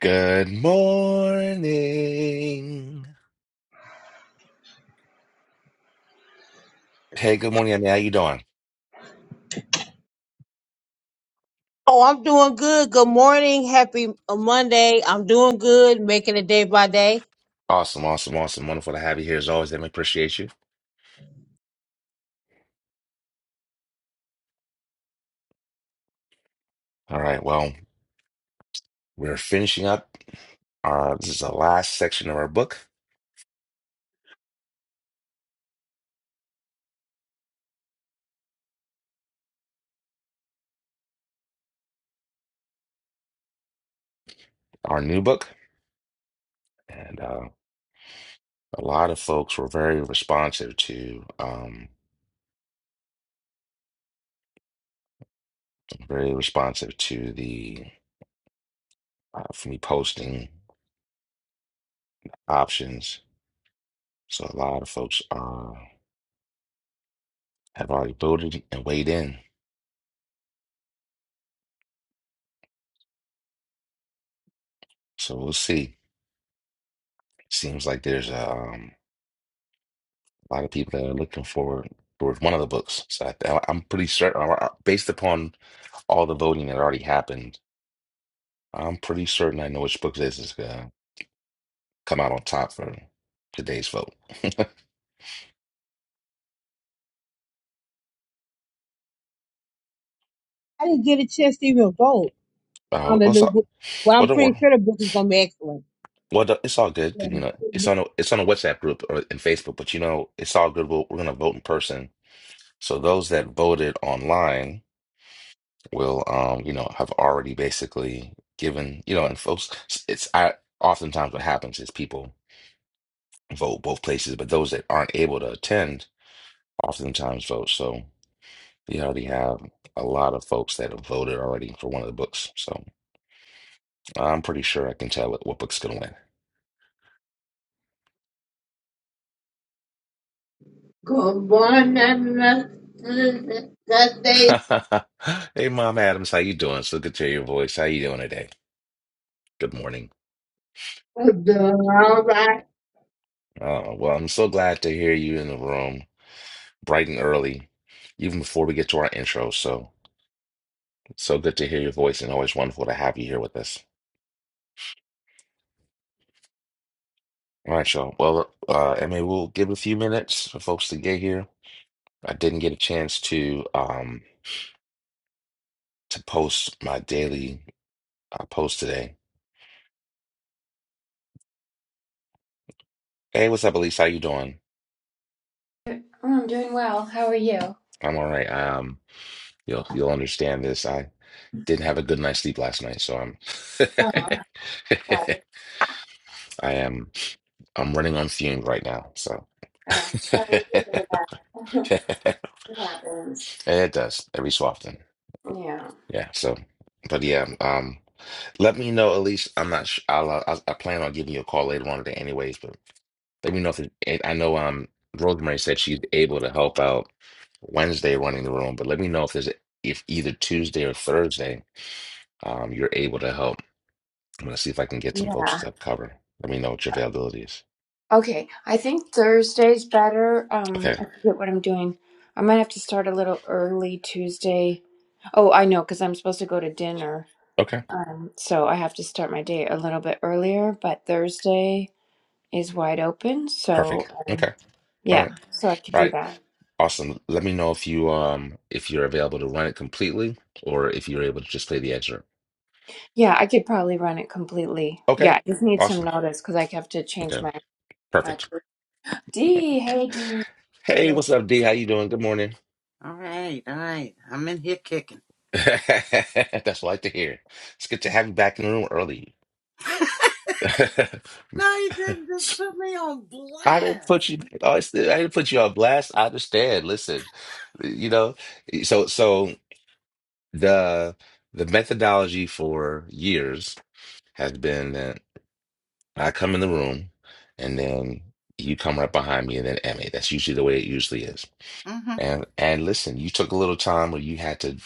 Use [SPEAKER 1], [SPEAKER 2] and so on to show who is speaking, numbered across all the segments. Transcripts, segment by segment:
[SPEAKER 1] Good morning. Hey, good morning, Emmy. How you doing?
[SPEAKER 2] Oh, I'm doing good. Good morning. Happy uh, Monday. I'm doing good, making it day by day.
[SPEAKER 1] Awesome, awesome, awesome. Wonderful to have you here as always, Emmy. Appreciate you. All right, well, we're finishing up. Our, this is the last section of our book, our new book, and uh, a lot of folks were very responsive to, um, very responsive to the uh, for me posting options. So a lot of folks uh, have already voted and weighed in. So we'll see. Seems like there's a um, a lot of people that are looking forward towards one of the books. So I, I'm pretty certain, uh, based upon all the voting that already happened, I'm pretty certain I know which book this is gonna come out on top for today's vote.
[SPEAKER 2] I didn't get a chance to even vote
[SPEAKER 1] uh,
[SPEAKER 2] on the
[SPEAKER 1] what's
[SPEAKER 2] new
[SPEAKER 1] up?
[SPEAKER 2] book. Well,
[SPEAKER 1] Well,
[SPEAKER 2] I'm
[SPEAKER 1] don't
[SPEAKER 2] pretty
[SPEAKER 1] worry.
[SPEAKER 2] sure the book is going to be excellent.
[SPEAKER 1] Well, th- it's all good
[SPEAKER 2] Yeah.
[SPEAKER 1] 'cause, you know it's on a it's on a WhatsApp group or in Facebook, but you know it's all good. We'll, we're gonna vote in person, so those that voted online will, um, you know, have already basically given, you know, and folks, it's I oftentimes what happens is people vote both places, but those that aren't able to attend oftentimes vote. So we already have a lot of folks that have voted already for one of the books. So I'm pretty sure I can tell it what book's gonna
[SPEAKER 2] Good morning. Good day.
[SPEAKER 1] win. Hey, Mom Adams, how you doing? So good to hear your voice. How you doing today? Good morning.
[SPEAKER 2] All right.
[SPEAKER 1] Uh, well, I'm so glad to hear you in the room, bright and early, even before we get to our intro. So it's so good to hear your voice, and always wonderful to have you here with us. All right, y'all. Well, uh, I mean, we'll give it a few minutes for folks to get here. I didn't get a chance to um to post my daily uh, post today. Hey, what's up, Elise? How you doing?
[SPEAKER 3] Oh, I'm doing well. How are you?
[SPEAKER 1] I'm all right. Um, you'll you'll understand this. I didn't have a good night's sleep last night, so I'm
[SPEAKER 3] Oh, sorry.
[SPEAKER 1] I am I'm running on fumes right now. So
[SPEAKER 3] Oh, Sorry to hear that. It happens.
[SPEAKER 1] And it does every so often.
[SPEAKER 3] yeah.
[SPEAKER 1] Yeah. So, but yeah. Um, let me know, Elise. I'm not. Sh I'll, uh, I I plan on giving you a call later on today, anyways. But. Let me know if it, and I know um Rosemary said she's able to help out Wednesday running the room, but let me know if there's if either Tuesday or Thursday um you're able to help. I'm gonna see if I can get some folks
[SPEAKER 3] Yeah.
[SPEAKER 1] to cover. Let me know what your availability is.
[SPEAKER 3] Okay, I think Thursday's better. Um,
[SPEAKER 1] Okay.
[SPEAKER 3] I forget what I'm doing. I might have to start a little early Tuesday. Oh, I know, because I'm supposed to go to dinner.
[SPEAKER 1] Okay.
[SPEAKER 3] Um, so I have to start my day a little bit earlier, but Thursday is wide open, so
[SPEAKER 1] Perfect.
[SPEAKER 3] um,
[SPEAKER 1] Okay. All
[SPEAKER 3] yeah,
[SPEAKER 1] right.
[SPEAKER 3] so I could
[SPEAKER 1] All
[SPEAKER 3] do
[SPEAKER 1] right.
[SPEAKER 3] that.
[SPEAKER 1] Awesome. Let me know if you um if you're available to run it completely or if you're able to just play the excerpt.
[SPEAKER 3] Yeah, I could probably run it completely. Yeah,
[SPEAKER 1] Okay.
[SPEAKER 3] I just need some
[SPEAKER 1] Awesome.
[SPEAKER 3] notice because I have to change
[SPEAKER 1] Okay.
[SPEAKER 3] my my
[SPEAKER 1] Perfect.
[SPEAKER 3] career. D, hey D.
[SPEAKER 1] Hey,
[SPEAKER 3] Yeah.
[SPEAKER 1] what's up, D? How you doing? Good morning.
[SPEAKER 4] All right, all right. I'm in here kicking.
[SPEAKER 1] That's what I like to hear. It's good to have you back in the room early.
[SPEAKER 4] no, you didn't just put me on
[SPEAKER 1] I
[SPEAKER 4] blast.
[SPEAKER 1] didn't put you. I didn't put you on blast. I understand. Listen, you know. eh, So, so the the methodology for years has been that I come in the room, and then you come right behind me, and then Emmy. That's usually the way it usually is.
[SPEAKER 4] hmm
[SPEAKER 1] And and listen, you took a little time where you had to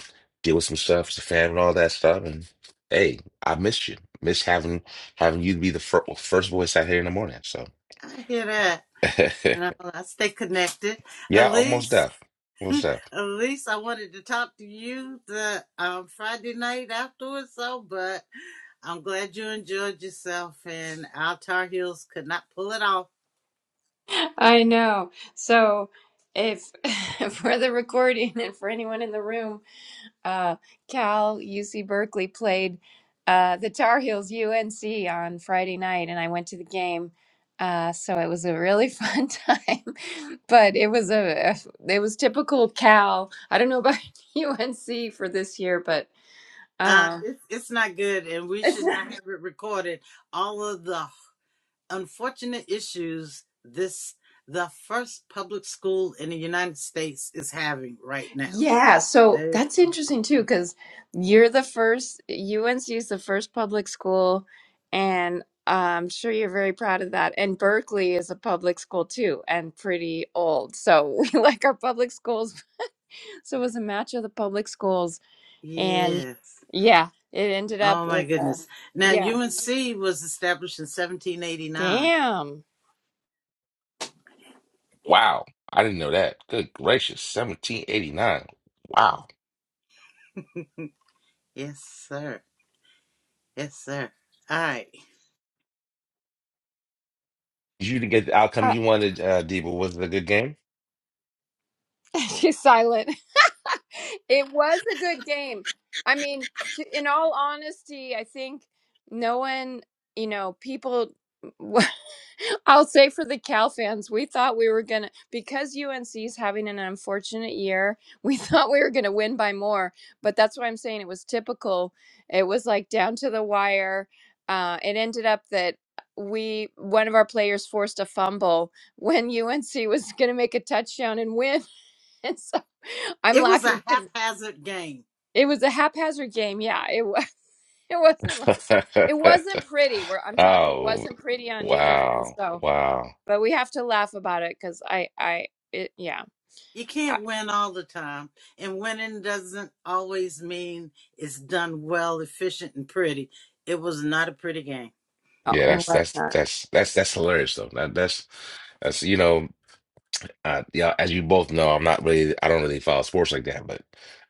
[SPEAKER 1] deal with some stuff, the fam and all that stuff. And hey, I missed you. Miss having having you be the fir first voice out here in the morning. So
[SPEAKER 4] I hear that. And I, I stay connected.
[SPEAKER 1] yeah, almost
[SPEAKER 4] Elise,
[SPEAKER 1] deaf. Almost deaf.
[SPEAKER 4] Elise, I wanted to talk to you the um, Friday night afterwards, so, but I'm glad you enjoyed yourself, and our Tar Heels could not pull it off.
[SPEAKER 3] I know. So if for the recording and for anyone in the room, uh, Cal UC Berkeley played uh, the Tar Heels UNC on Friday night, and I went to the game. Uh, so it was a really fun time, but it was a it was typical Cal. I don't know about UNC for this year, but.
[SPEAKER 4] Uh,
[SPEAKER 3] um,
[SPEAKER 4] it's it's not good, and we
[SPEAKER 3] It's
[SPEAKER 4] should not
[SPEAKER 3] not-
[SPEAKER 4] have it recorded. All of the unfortunate issues this the first public school in the United States is having right now.
[SPEAKER 3] yeah, so
[SPEAKER 4] They
[SPEAKER 3] that's
[SPEAKER 4] are
[SPEAKER 3] interesting too, because you're the first, UNC is the first public school, and I'm sure you're very proud of that. And Berkeley is a public school too, and pretty old. So we like our public schools. So it was a match of the public schools, and
[SPEAKER 4] yes.
[SPEAKER 3] yeah, it ended up
[SPEAKER 4] Oh my
[SPEAKER 3] with a,
[SPEAKER 4] goodness. Now
[SPEAKER 3] yeah.
[SPEAKER 4] UNC was established in 1789.
[SPEAKER 3] Damn.
[SPEAKER 1] Wow. I didn't know that. Good gracious. 1789. Wow.
[SPEAKER 4] Yes, sir. Yes, sir. All right.
[SPEAKER 1] Did you get the outcome
[SPEAKER 3] I,
[SPEAKER 1] you wanted, uh, Debo? Was it a good game?
[SPEAKER 3] she's silent. it was a good game. I mean, to, in all honesty, I think no one, you know, people. I'll say for the Cal fans, we thought we were gonna because UNC is having an unfortunate year. We thought we were gonna win by more, but that's why I'm saying it was typical. It was like down to the wire. Uh, it ended up that we one of our players forced a fumble when UNC was gonna make a touchdown and win. I'm
[SPEAKER 4] It was a
[SPEAKER 3] laughing because
[SPEAKER 4] haphazard game.
[SPEAKER 3] it was a haphazard game. Yeah, it was. It wasn't like it wasn't pretty. Where I'm talking, it
[SPEAKER 1] Oh,
[SPEAKER 3] wasn't pretty on either end.
[SPEAKER 1] wow.
[SPEAKER 3] So,
[SPEAKER 1] Wow.
[SPEAKER 3] but we have to laugh about it because I, I, it, yeah.
[SPEAKER 4] You
[SPEAKER 3] I,
[SPEAKER 4] can't win all the time, and winning doesn't always mean it's done well, efficient, and pretty. It was not a pretty game.
[SPEAKER 3] oh,
[SPEAKER 1] Yeah,
[SPEAKER 3] it
[SPEAKER 1] that's
[SPEAKER 3] was
[SPEAKER 1] that's
[SPEAKER 3] not.
[SPEAKER 1] that's that's that's hilarious though. That that's that's you know, uh, yeah. As you both know, I'm not really I don't really follow sports like that, but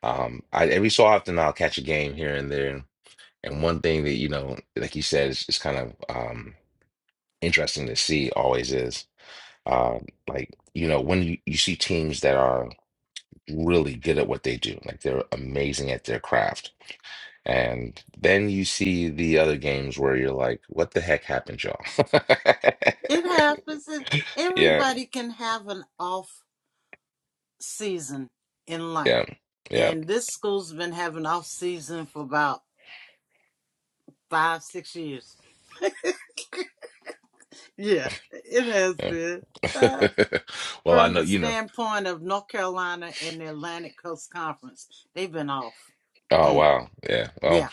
[SPEAKER 1] um, I every so often I'll catch a game here and there. And one thing that you know, like you said, is, is kind of um interesting to see always is uh, like you know when you, you see teams that are really good at what they do, like they're amazing at their craft. And then you see the other games where you're like, what the heck happened, y'all?
[SPEAKER 4] It happens. and
[SPEAKER 1] Yeah,
[SPEAKER 4] Everybody can have an off season in
[SPEAKER 1] Yeah,
[SPEAKER 4] life.
[SPEAKER 1] yeah,
[SPEAKER 4] And this school's been having off season for about five, six years. Yeah, it has
[SPEAKER 1] yeah.
[SPEAKER 4] been. Uh,
[SPEAKER 1] Well, I
[SPEAKER 4] from
[SPEAKER 1] know
[SPEAKER 4] the
[SPEAKER 1] you know.
[SPEAKER 4] standpoint of North Carolina and the Atlantic Coast Conference, they've been off.
[SPEAKER 1] Oh
[SPEAKER 4] Mm,
[SPEAKER 1] wow, yeah. Well,
[SPEAKER 4] yeah.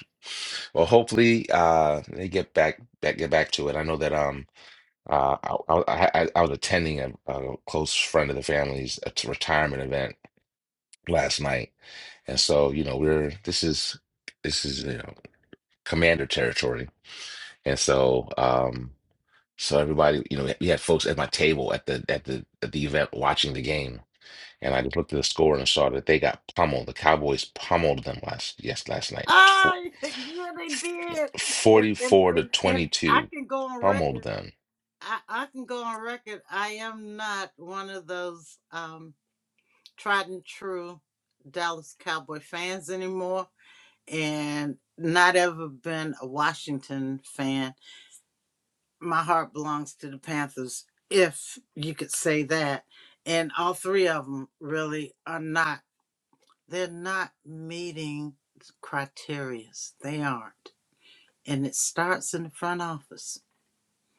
[SPEAKER 1] well. Hopefully, uh, they get back, back get back to it. I know that um, uh, I I, I I was attending a, a close friend of the family's at retirement event last night, and so you know we're this is this is you know commander territory, and so um, so everybody you know we had folks at my table at the at the at the event watching the game And I just looked at the score and I saw that they got pummeled. The Cowboys pummeled them last yes last night. Fo-
[SPEAKER 4] Ah, yeah, they did. And, and
[SPEAKER 1] 44 to
[SPEAKER 4] and and I
[SPEAKER 1] 22
[SPEAKER 4] can go on
[SPEAKER 1] pummeled
[SPEAKER 4] record.
[SPEAKER 1] them.
[SPEAKER 4] I, I can go on record. I am not one of those. um, tried and true Dallas Cowboy fans anymore and not ever been a Washington fan. My heart belongs to the Panthers, if you could say that. And all three of them really are not, they're not meeting criterias. They aren't. And it starts in the front office.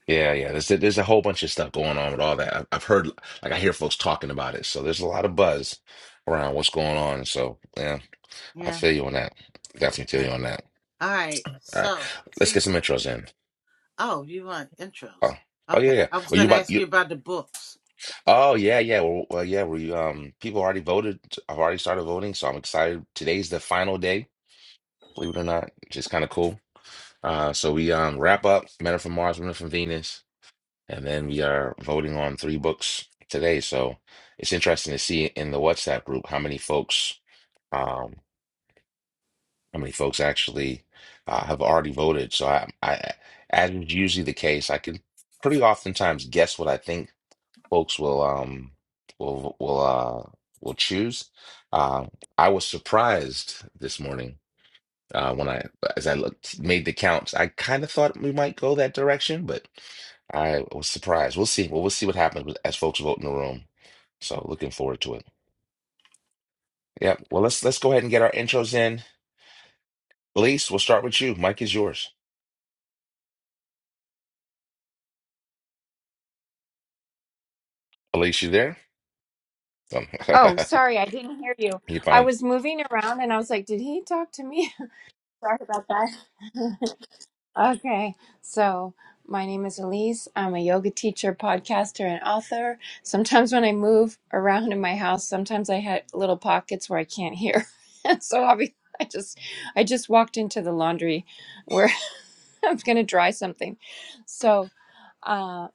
[SPEAKER 1] Yeah, yeah. There's there's a whole bunch of stuff going on with all that. I've I've heard like I hear folks talking about it. So there's a lot of buzz around what's going on. So yeah, I
[SPEAKER 4] Yeah,
[SPEAKER 1] feel you on that. Definitely
[SPEAKER 4] yeah.
[SPEAKER 1] feel you on that.
[SPEAKER 4] All right.
[SPEAKER 1] All right,
[SPEAKER 4] So,
[SPEAKER 1] let's
[SPEAKER 4] see,
[SPEAKER 1] get some intros in.
[SPEAKER 4] oh, you want intros.
[SPEAKER 1] Oh, oh yeah,
[SPEAKER 4] Okay.
[SPEAKER 1] yeah.
[SPEAKER 4] I was
[SPEAKER 1] Oh, you
[SPEAKER 4] going to
[SPEAKER 1] about
[SPEAKER 4] ask
[SPEAKER 1] you?
[SPEAKER 4] you about the books.
[SPEAKER 1] Oh yeah, yeah. Well, well, yeah. We um, people already voted. I've already started voting, so I'm excited. Today's the final day, believe it or not, which is kind of cool. Uh, so we um wrap up Men Are from Mars, Women Are from Venus, and then we are voting on three books today. So it's interesting to see in the WhatsApp group how many folks um how many folks actually uh, have already voted. So I, I, as is usually the case, I can pretty oftentimes guess what I think folks will um will will uh will choose. Um, I was surprised this morning uh, when I as I looked made the counts. I kind of thought we might go that direction, but I was surprised. We'll see. Well, we'll see what happens with- as folks vote in the room. So looking forward to it. Yeah. Well, let's let's go ahead and get our intros in. Elise, we'll start with you. Mike is yours. Elise, you there? Um,
[SPEAKER 3] Oh, sorry, I didn't hear you.
[SPEAKER 1] you
[SPEAKER 3] I
[SPEAKER 1] fine?
[SPEAKER 3] was moving around and I was like, did he talk to me? sorry about that. Okay, so my name is Elise. I'm a yoga teacher, podcaster, and author. Sometimes when I move around in my house, sometimes I had little pockets where I can't hear, and so I'll be, I just, I just walked into the laundry where I was going to dry something, so. uh,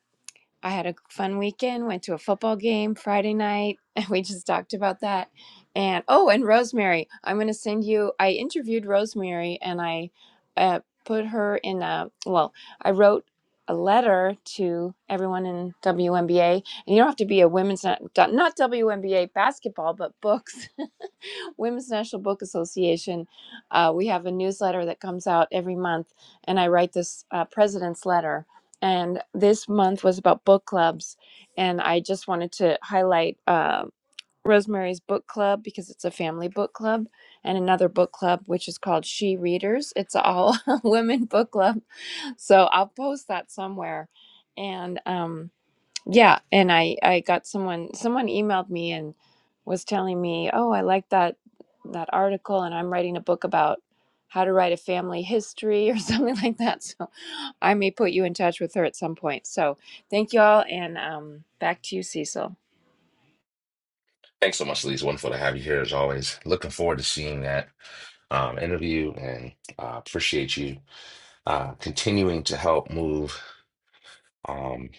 [SPEAKER 3] I had a fun weekend, went to a football game Friday night. We just talked about that. And oh, and Rosemary, I'm going to send you. I interviewed Rosemary and I uh, put her in a, well, I wrote a letter to everyone in WNBA. And you don't have to be a women's, not, not WNBA basketball, but books. Women's National Book Association, uh, we have a newsletter that comes out every month, and I write this uh, president's letter. And this month was about book clubs, and I just wanted to highlight uh, Rosemary's Book Club because it's a family book club, and another book club which is called She Readers. It's all women book club, so I'll post that somewhere. And um, yeah, and I I got someone someone emailed me and was telling me, "Oh, I like that that article and I'm writing a book about how to write a family history or something like that." So, I may put you in touch with her at some point. So, thank you all and um back to you, Cecil.
[SPEAKER 1] Thanks so much, Elise. Wonderful to have you here as always. Looking forward to seeing that. um, interview and uh, appreciate you uh, continuing to help move um,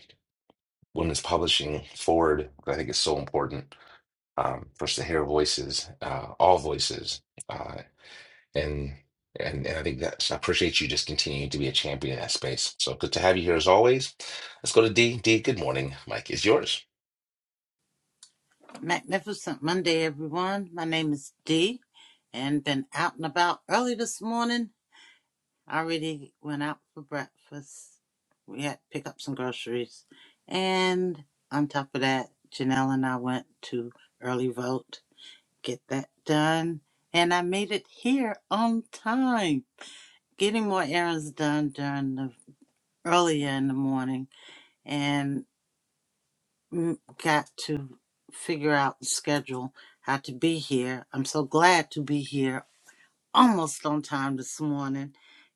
[SPEAKER 1] women's publishing forward. I think it's so important um, for us to hear voices, uh, all voices, uh, and, and and I think that's I appreciate you just continuing to be a champion in that space. So good to have you here as always. Let's go to D. D. Good morning, Mike. Is yours.
[SPEAKER 4] Magnificent Monday, everyone. My name is Dee and been out and about early this morning. I already went out for breakfast. We had to pick up some groceries. And on top of that, Janelle and I went to early vote, get that done. And I made it here on time, getting more errands done during the earlier in the morning. and. m- got to figure out the schedule, how to be here. I'm so glad to be here almost on time this morning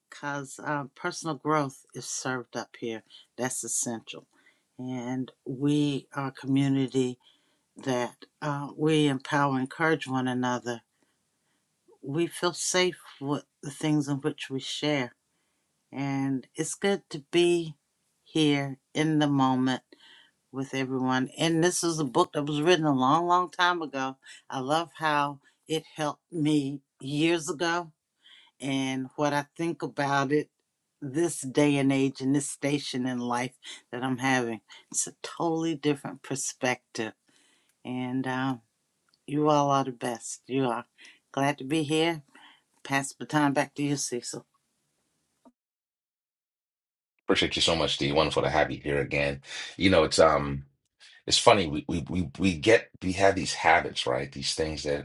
[SPEAKER 4] because uh, personal growth is served up here. That's essential. And we are a community that uh, we empower, encourage one another. We feel safe with the things in which we share. And it's good to be here in the moment with everyone. And this is a book that was written a long, long time ago. I love how it helped me years ago and what I think about it this day and age and this station in life that I'm having. It's a totally different perspective. And uh, you all are the best. You are. Glad to be here. Pass the baton back to you, Cecil.
[SPEAKER 1] Appreciate you so much, D. Wonderful to have you here again. You know, it's um, it's funny. We we we we get we have these habits, right? These things that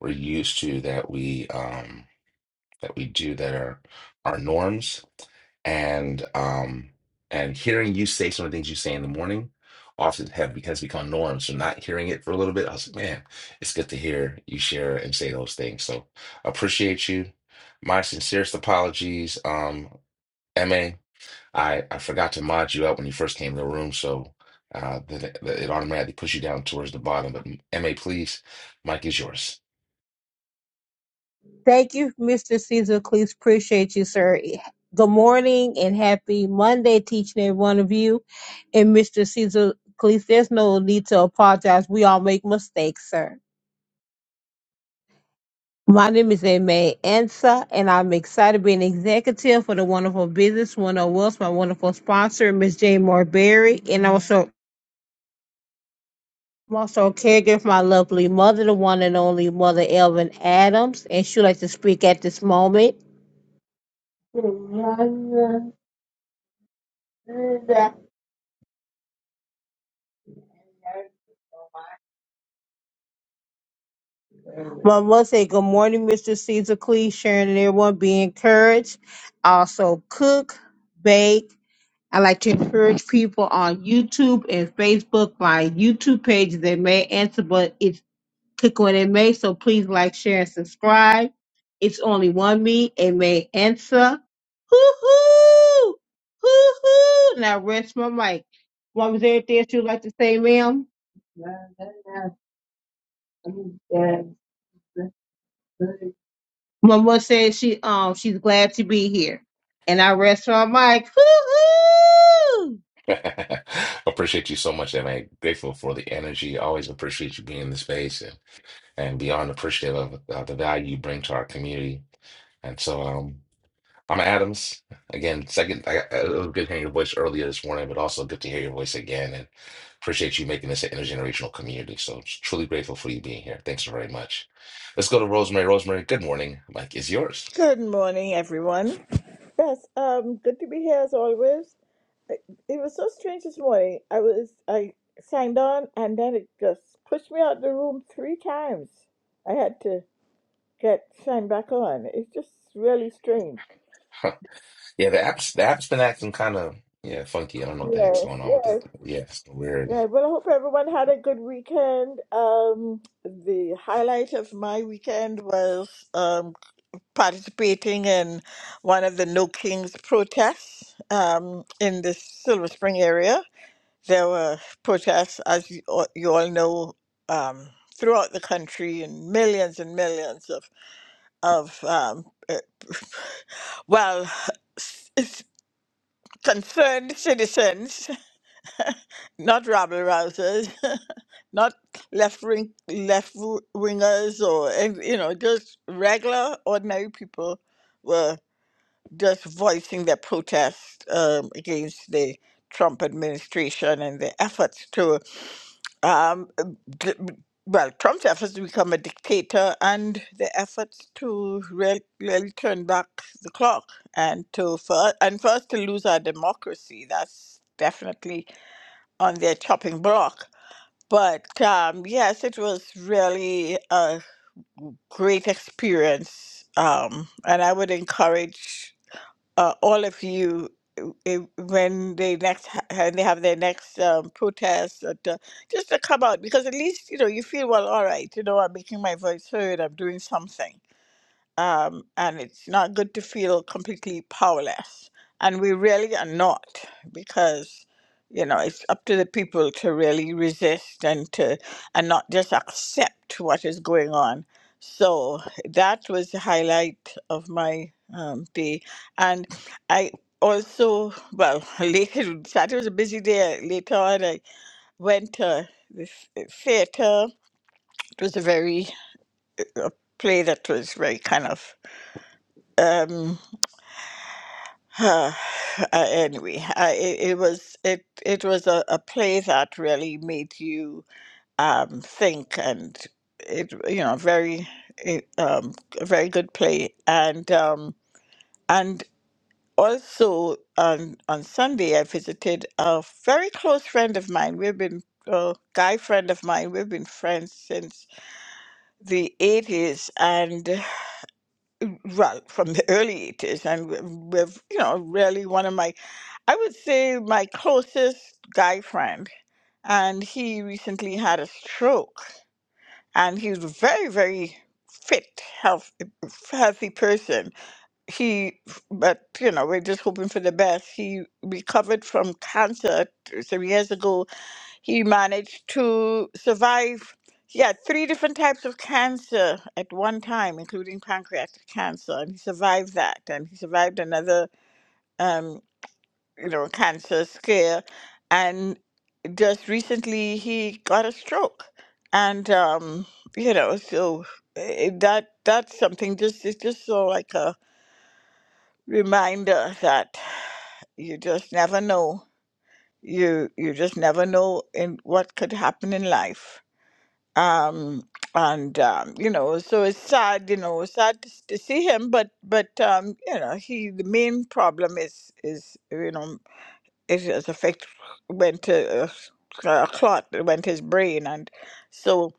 [SPEAKER 1] we're used to that we um that we do that are our norms and um and hearing you say some of the things you say in the morning often have has become norms so not hearing it for a little bit I was like man it's good to hear you share and say those things so appreciate you my sincerest apologies um ma i i forgot to mod you up when you first came in the room so uh, that it, that it automatically puts you down towards the bottom. But Ma, please, Mike is yours.
[SPEAKER 2] Thank you, Mr. Caesar Cleese. Appreciate you, sir. Good morning and happy Monday, teaching every one of you. And Mr. Caesar Cleese, there's no need to apologize. We all make mistakes, sir. My name is Aimee Ansa, and I'm excited to be an executive for the wonderful business one Wells, my wonderful sponsor, Miss Jane Moore Berry, and also I'm also a caregiver for my lovely mother, the one and only mother Elvin Adams, and she'd like to speak at this moment. Well, I must say good morning, Mr. Caesar Clee, Sharon and everyone. Be encouraged. Also cook, bake. I like to encourage people on YouTube and Facebook. My YouTube page is in May Answer, but it's click on it May. So please like, share, and subscribe. It's only one me, it May Answer. Hoo hoo, hoo hoo. Now rest my mic. Mom, is there anything else you'd like to say, ma'am? Mama says she um she's glad to be here, and I rest my mic. Hoo hoo.
[SPEAKER 1] Appreciate you so much, and I'm grateful for the energy. Always appreciate you being in the space and, and beyond appreciative of uh, the value you bring to our community. And so, um, I'm Adams. Again, second, I, I- it was good hearing your voice earlier this morning, but also good to hear your voice again. And appreciate you making this an intergenerational community. So, truly grateful for you being here. Thanks very much. Let's go to Rosemary. Rosemary, good morning. Mike is yours.
[SPEAKER 5] Good morning, everyone. Yes, um, good to be here as always. It it was so strange this morning. I was I signed on and then it just pushed me out the room three times. I had to get signed back on. It's just really strange.
[SPEAKER 1] Huh. Yeah, the app's the app's been acting kind of yeah funky. I don't know what the heck's
[SPEAKER 5] Yes,
[SPEAKER 1] going on with
[SPEAKER 5] yes,
[SPEAKER 1] it. Yeah, it's weird.
[SPEAKER 5] yeah. Well, I hope everyone had a good weekend. Um, the highlight of my weekend was um, participating in one of the No Kings protests um, in the Silver Spring area There were protests, as you all you all know, um, throughout the country, and millions and millions of of um, uh, well, s- s- concerned citizens, not rabble rousers, not left wing left wingers, or and, you know, just regular ordinary people just voicing their protest um, against the Trump administration and the efforts to, um, d- well, Trump's efforts to become a dictator and the efforts to real, really turn back the clock and to for, and for us to lose our democracy. That's definitely on their chopping block. But um, yes, it was really a great experience, um, and I would encourage uh, all of you uh, uh, when they next ha- when they have their next um, protest or to, just to come out because at least you know you feel well all right you know i'm making my voice heard i'm doing something um, and it's not good to feel completely powerless. And we really are not, because you know it's up to the people to really resist and to and not just accept what is going on. So that was the highlight of my um, day, and I also well later Saturday was a busy day. Later on, I went to the theater. It was a very a play that was very kind of. um Huh. Uh, anyway, I, it, it was it it was a, a play that really made you um, think, and it you know very it, um, a very good play, and um, and also on on Sunday I visited a very close friend of mine. We've been a guy friend of mine. We've been friends since the eighties, and Right from the early 80s, and w- with, you know, really one of my, I would say my closest guy friend. And he recently had a stroke, and he was a very, very fit, health, healthy person. He, but, you know, we're just hoping for the best. He recovered from cancer some years ago he managed to survive. He had three different types of cancer at one time, including pancreatic cancer, and he survived that. And he survived another, um, you know, cancer scare. And just recently, he got a stroke. And um, you know, so eh, that that's something. Just it's just so like a reminder that you just never know. You you just never know in what could happen in life um and um you know so it's sad you know sad to, s- to see him but but um you know he the main problem is is you know it has affect went to a, a clot that went to his brain and so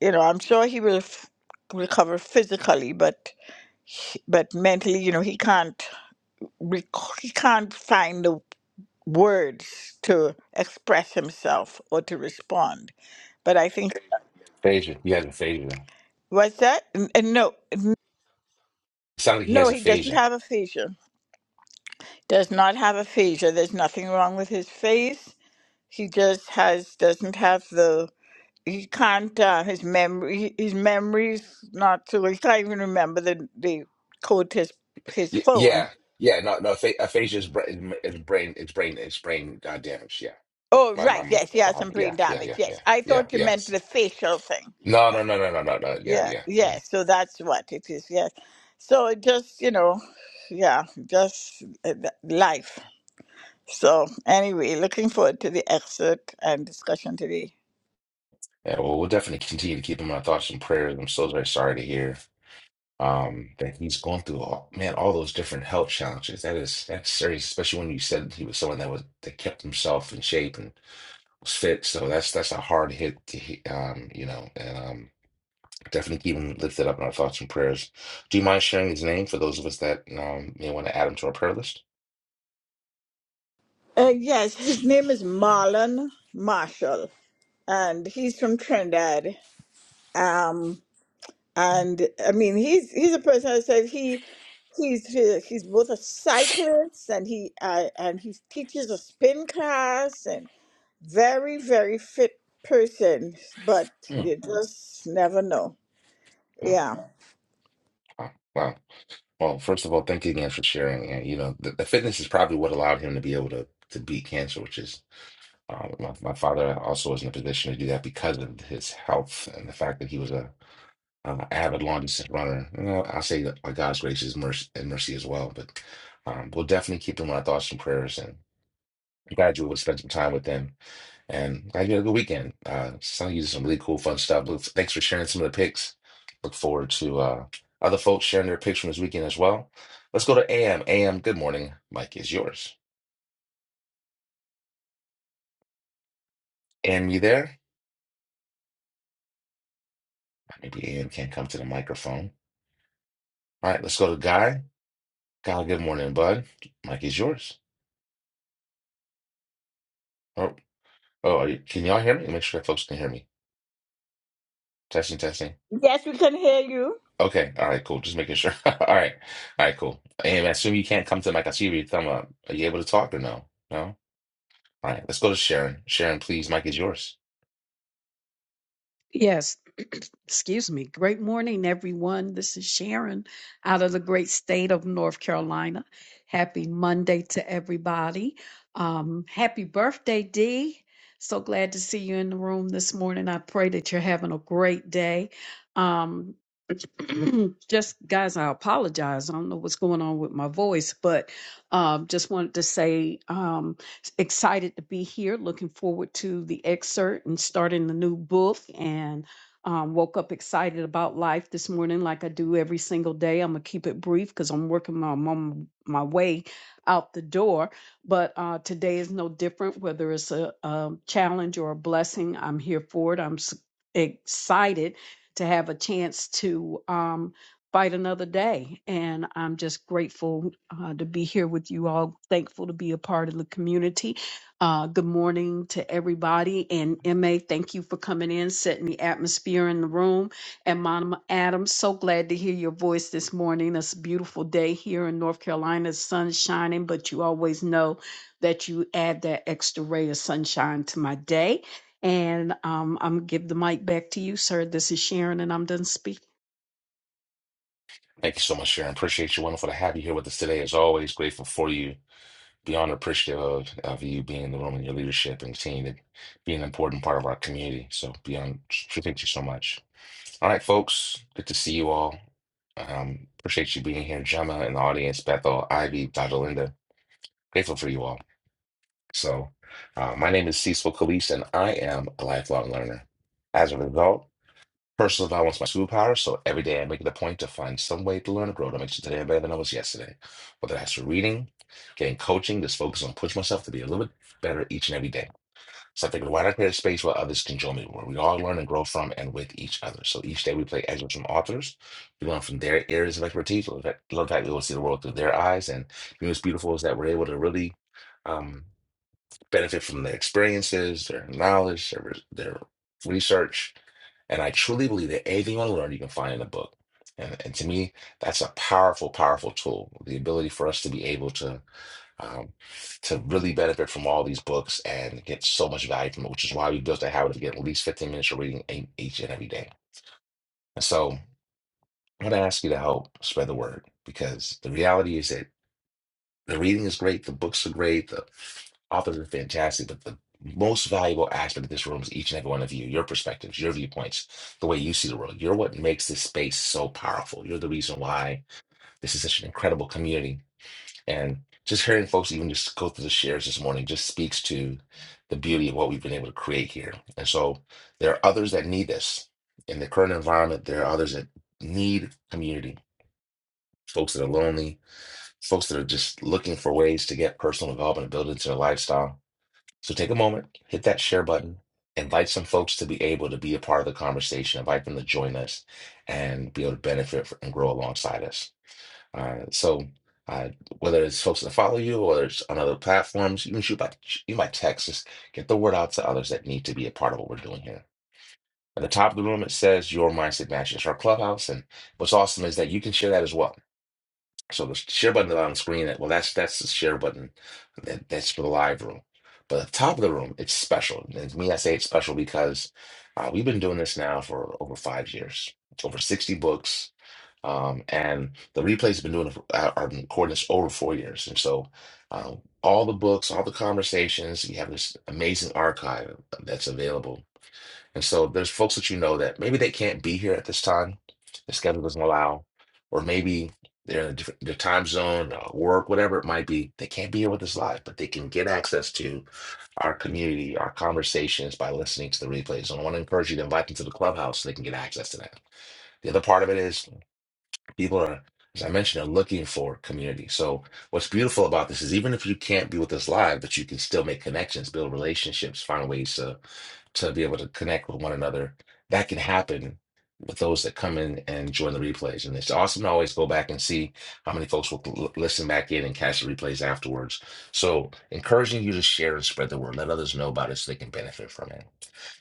[SPEAKER 5] you know i'm sure he will f- recover physically but he- but mentally you know he can't rec- he can't find the words to express himself or to respond but i think
[SPEAKER 1] Aphasia. He has aphasia.
[SPEAKER 5] What's that? N- uh, No.
[SPEAKER 1] Sounds like he
[SPEAKER 5] No,
[SPEAKER 1] has
[SPEAKER 5] he doesn't
[SPEAKER 1] aphasia.
[SPEAKER 5] have a seizure. Does not have a seizure. There's nothing wrong with his face. He just has doesn't have the. He can't. Uh, his memory. His memory's not so. He can't even remember the the code to his his
[SPEAKER 1] Y- yeah,
[SPEAKER 5] phone.
[SPEAKER 1] yeah. No, no. Apha- aphasia is brain. It's brain. It's brain. It's brain uh, damage. Yeah.
[SPEAKER 5] Oh
[SPEAKER 1] My, my,
[SPEAKER 5] right,
[SPEAKER 1] my
[SPEAKER 5] yes, he has
[SPEAKER 1] body.
[SPEAKER 5] some
[SPEAKER 1] Yeah,
[SPEAKER 5] brain
[SPEAKER 1] yeah,
[SPEAKER 5] damage.
[SPEAKER 1] yeah,
[SPEAKER 5] Yes,
[SPEAKER 1] yeah,
[SPEAKER 5] I
[SPEAKER 1] yeah,
[SPEAKER 5] thought you meant
[SPEAKER 1] yes.
[SPEAKER 5] the facial thing.
[SPEAKER 1] No, no, no, no, no, no, no. Yeah,
[SPEAKER 5] Yeah,
[SPEAKER 1] yeah. mhm.
[SPEAKER 5] yes. So that's what it is. Yes. So it just you know, yeah, just uh, th- life. So, anyway, looking forward to the excerpt and discussion today.
[SPEAKER 1] Yeah. Well, we'll definitely continue to keep him in our thoughts and prayers. I'm so very sorry to hear um that he's going through all man all those different health challenges. That is that's serious, especially when you said he was someone that was that kept himself in shape and was fit. So that's that's a hard hit to hit, um, you know. And um, Definitely keep him lifted up in our thoughts and prayers. Do you mind sharing his name for those of us that um, may want to add him to our prayer list?
[SPEAKER 5] Uh, yes, his name is Marlon Marshall, and he's from Trinidad. Um, and I mean, he's he's a person I said he he's he- he's both a cyclist and he uh, and he teaches a spin class and very very fit person, but
[SPEAKER 1] Mm.
[SPEAKER 5] you just never know.
[SPEAKER 1] Wow.
[SPEAKER 5] Yeah.
[SPEAKER 1] Wow. Wow. Well, first of all, thank you again for sharing. And, you know, the, the fitness is probably what allowed him to be able to, to beat cancer, which is uh, my, my father also was in a position to do that because of his health and the fact that he was a uh, avid long distance runner. You know, I say that by God's grace is mercy and mercy as well, but um, we'll definitely keep him in our thoughts and prayers. And I'm glad you would spend some time with him And glad you had a good weekend. Uh, sounds like you did some really cool, fun stuff. Look, thanks for sharing some of the pics. Look forward to uh, other folks sharing their pics from this weekend as well. Let's go to AM. AM, good morning. Mike is yours. AM, you there? Maybe AM can't come to the microphone. All right, let's go to Guy. Guy, good morning, bud. Mike is yours. Oh, oh, are you, can y'all hear me? Make sure that folks can hear me. Testing, testing.
[SPEAKER 5] Yes, we can hear you.
[SPEAKER 1] Okay, all right, cool. Just making sure. All right, all right, cool. AM, I assume you can't come to the mic. I see your thumb up. Are you able to talk or no? No? All right, let's go to Sharon. Sharon, please, Mike is yours.
[SPEAKER 6] Yes, excuse me. Great morning, everyone. This is Sharon out of the great state of North Carolina. Happy Monday to everybody. Um, happy birthday, Dee. So glad to see you in the room this morning. I pray that you're having a great day. Um, just guys, I apologize. I don't know what's going on with my voice, but um, just wanted to say um, excited to be here. Looking forward to the excerpt and starting the new book. And um, woke up excited about life this morning, like I do every single day. I'm gonna keep it brief because I'm working my I'm on my way out the door. But uh, today is no different. Whether it's a, a challenge or a blessing, I'm here for it. I'm s- excited to have a chance to um, fight another day. And I'm just grateful uh, to be here with you all, thankful to be a part of the community. Uh, good morning to everybody. And MA, thank you for coming in, setting the atmosphere in the room. And Mama Adams, so glad to hear your voice this morning. It's a beautiful day here in North Carolina, sun shining, but you always know that you add that extra ray of sunshine to my day. And um, I'm give the mic back to you, sir. This is Sharon, and I'm done speaking.
[SPEAKER 1] Thank you so much, Sharon. Appreciate you. Wonderful to have you here with us today. As always, grateful for you. Beyond appreciative of, of you being in the room and your leadership and seeing that being an important part of our community. So beyond, thank you so much. All right, folks, good to see you all. Um, appreciate you being here, Gemma in the audience, Bethel, Ivy, Dr. Linda. Grateful for you all. So, uh, my name is Cecil Calise, and I am a lifelong learner. As a result. Personal development's my superpower, so every day I make it a point to find some way to learn and grow to make sure today I'm better than I was yesterday. Whether that's through reading, getting coaching, just focus on pushing myself to be a little bit better each and every day. So I think why not create a space where others can join me, where we all learn and grow from and with each other. So each day we play excerpts from authors, we learn from their areas of expertise. Love that love that we will see the world through their eyes, and you know, what's beautiful is that we're able to really um, benefit from their experiences, their knowledge, their, their research and I truly believe that anything you want to learn, you can find in a book. And, and to me, that's a powerful, powerful tool. The ability for us to be able to um, to really benefit from all these books and get so much value from it, which is why we built a habit of getting at least 15 minutes of reading e- each and every day. And so I'm going to ask you to help spread the word because the reality is that. The reading is great, the books are great, the authors are fantastic, but the most valuable aspect of this room is each and every one of you, your perspectives, your viewpoints, the way you see the world. You're what makes this space so powerful. You're the reason why this is such an incredible community. And just hearing folks even just go through the shares this morning just speaks to the beauty of what we've been able to create here. And so there are others that need this. In the current environment, there are others that need community, folks that are lonely, folks that are just looking for ways to get personal development and build into their lifestyle. So take a moment, hit that share button, invite some folks to be able to be a part of the conversation, invite them to join us and be able to benefit fr- and grow alongside us. Uh, so uh, whether it's folks that follow you or it's on other platforms, you can shoot by you by text, just get the word out to others that need to be a part of what we're doing here. At the top of the room, it says your mindset matches our clubhouse. And what's awesome is that you can share that as well so the share button is on screen. Well, that's that's the share button. That, that's for the live room. But at the top of the room, it's special. And to me, I say it's special because uh, we've been doing this now for over five years, over 60 books. Um, and the replays have been doing it for, are are recording this over four years. And so uh, all the books, all the conversations, we have this amazing archive that's available and so there's folks that you know that maybe they can't be here at this time, their schedule doesn't allow, or maybe they're in a different their time zone, uh, work, whatever it might be. They can't be here with us live, but they can get access to our community, our conversations by listening to the replays. And I want to encourage you to invite them to the clubhouse so they can get access to that. The other part of it is people are, as I mentioned, are looking for community. So what's beautiful about this is even if you can't be with us live, but you can still make connections, build relationships, find ways to to be able to connect with one another. That can happen with those that come in and join the replays. And it's awesome to always go back and see how many folks will l- listen back in and catch the replays afterwards. So, encouraging you to share and spread the word. Let others know about it so they can benefit from it.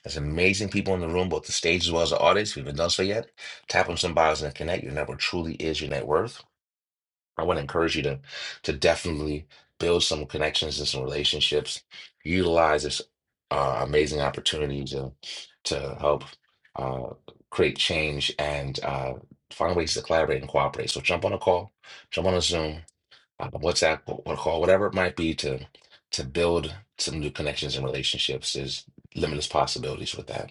[SPEAKER 1] There's amazing people in the room, both the stage as well as the audience. If you haven't done so yet, tap on some bios and connect. Your network truly is your net worth. I want to encourage you to to definitely build some connections and some relationships. Utilize this uh, amazing opportunity to to help uh, create change and uh, find ways to collaborate and cooperate. So jump on a call, jump on a Zoom, uh, WhatsApp, what call, whatever it might be to to build some new connections and relationships. There's limitless possibilities with that.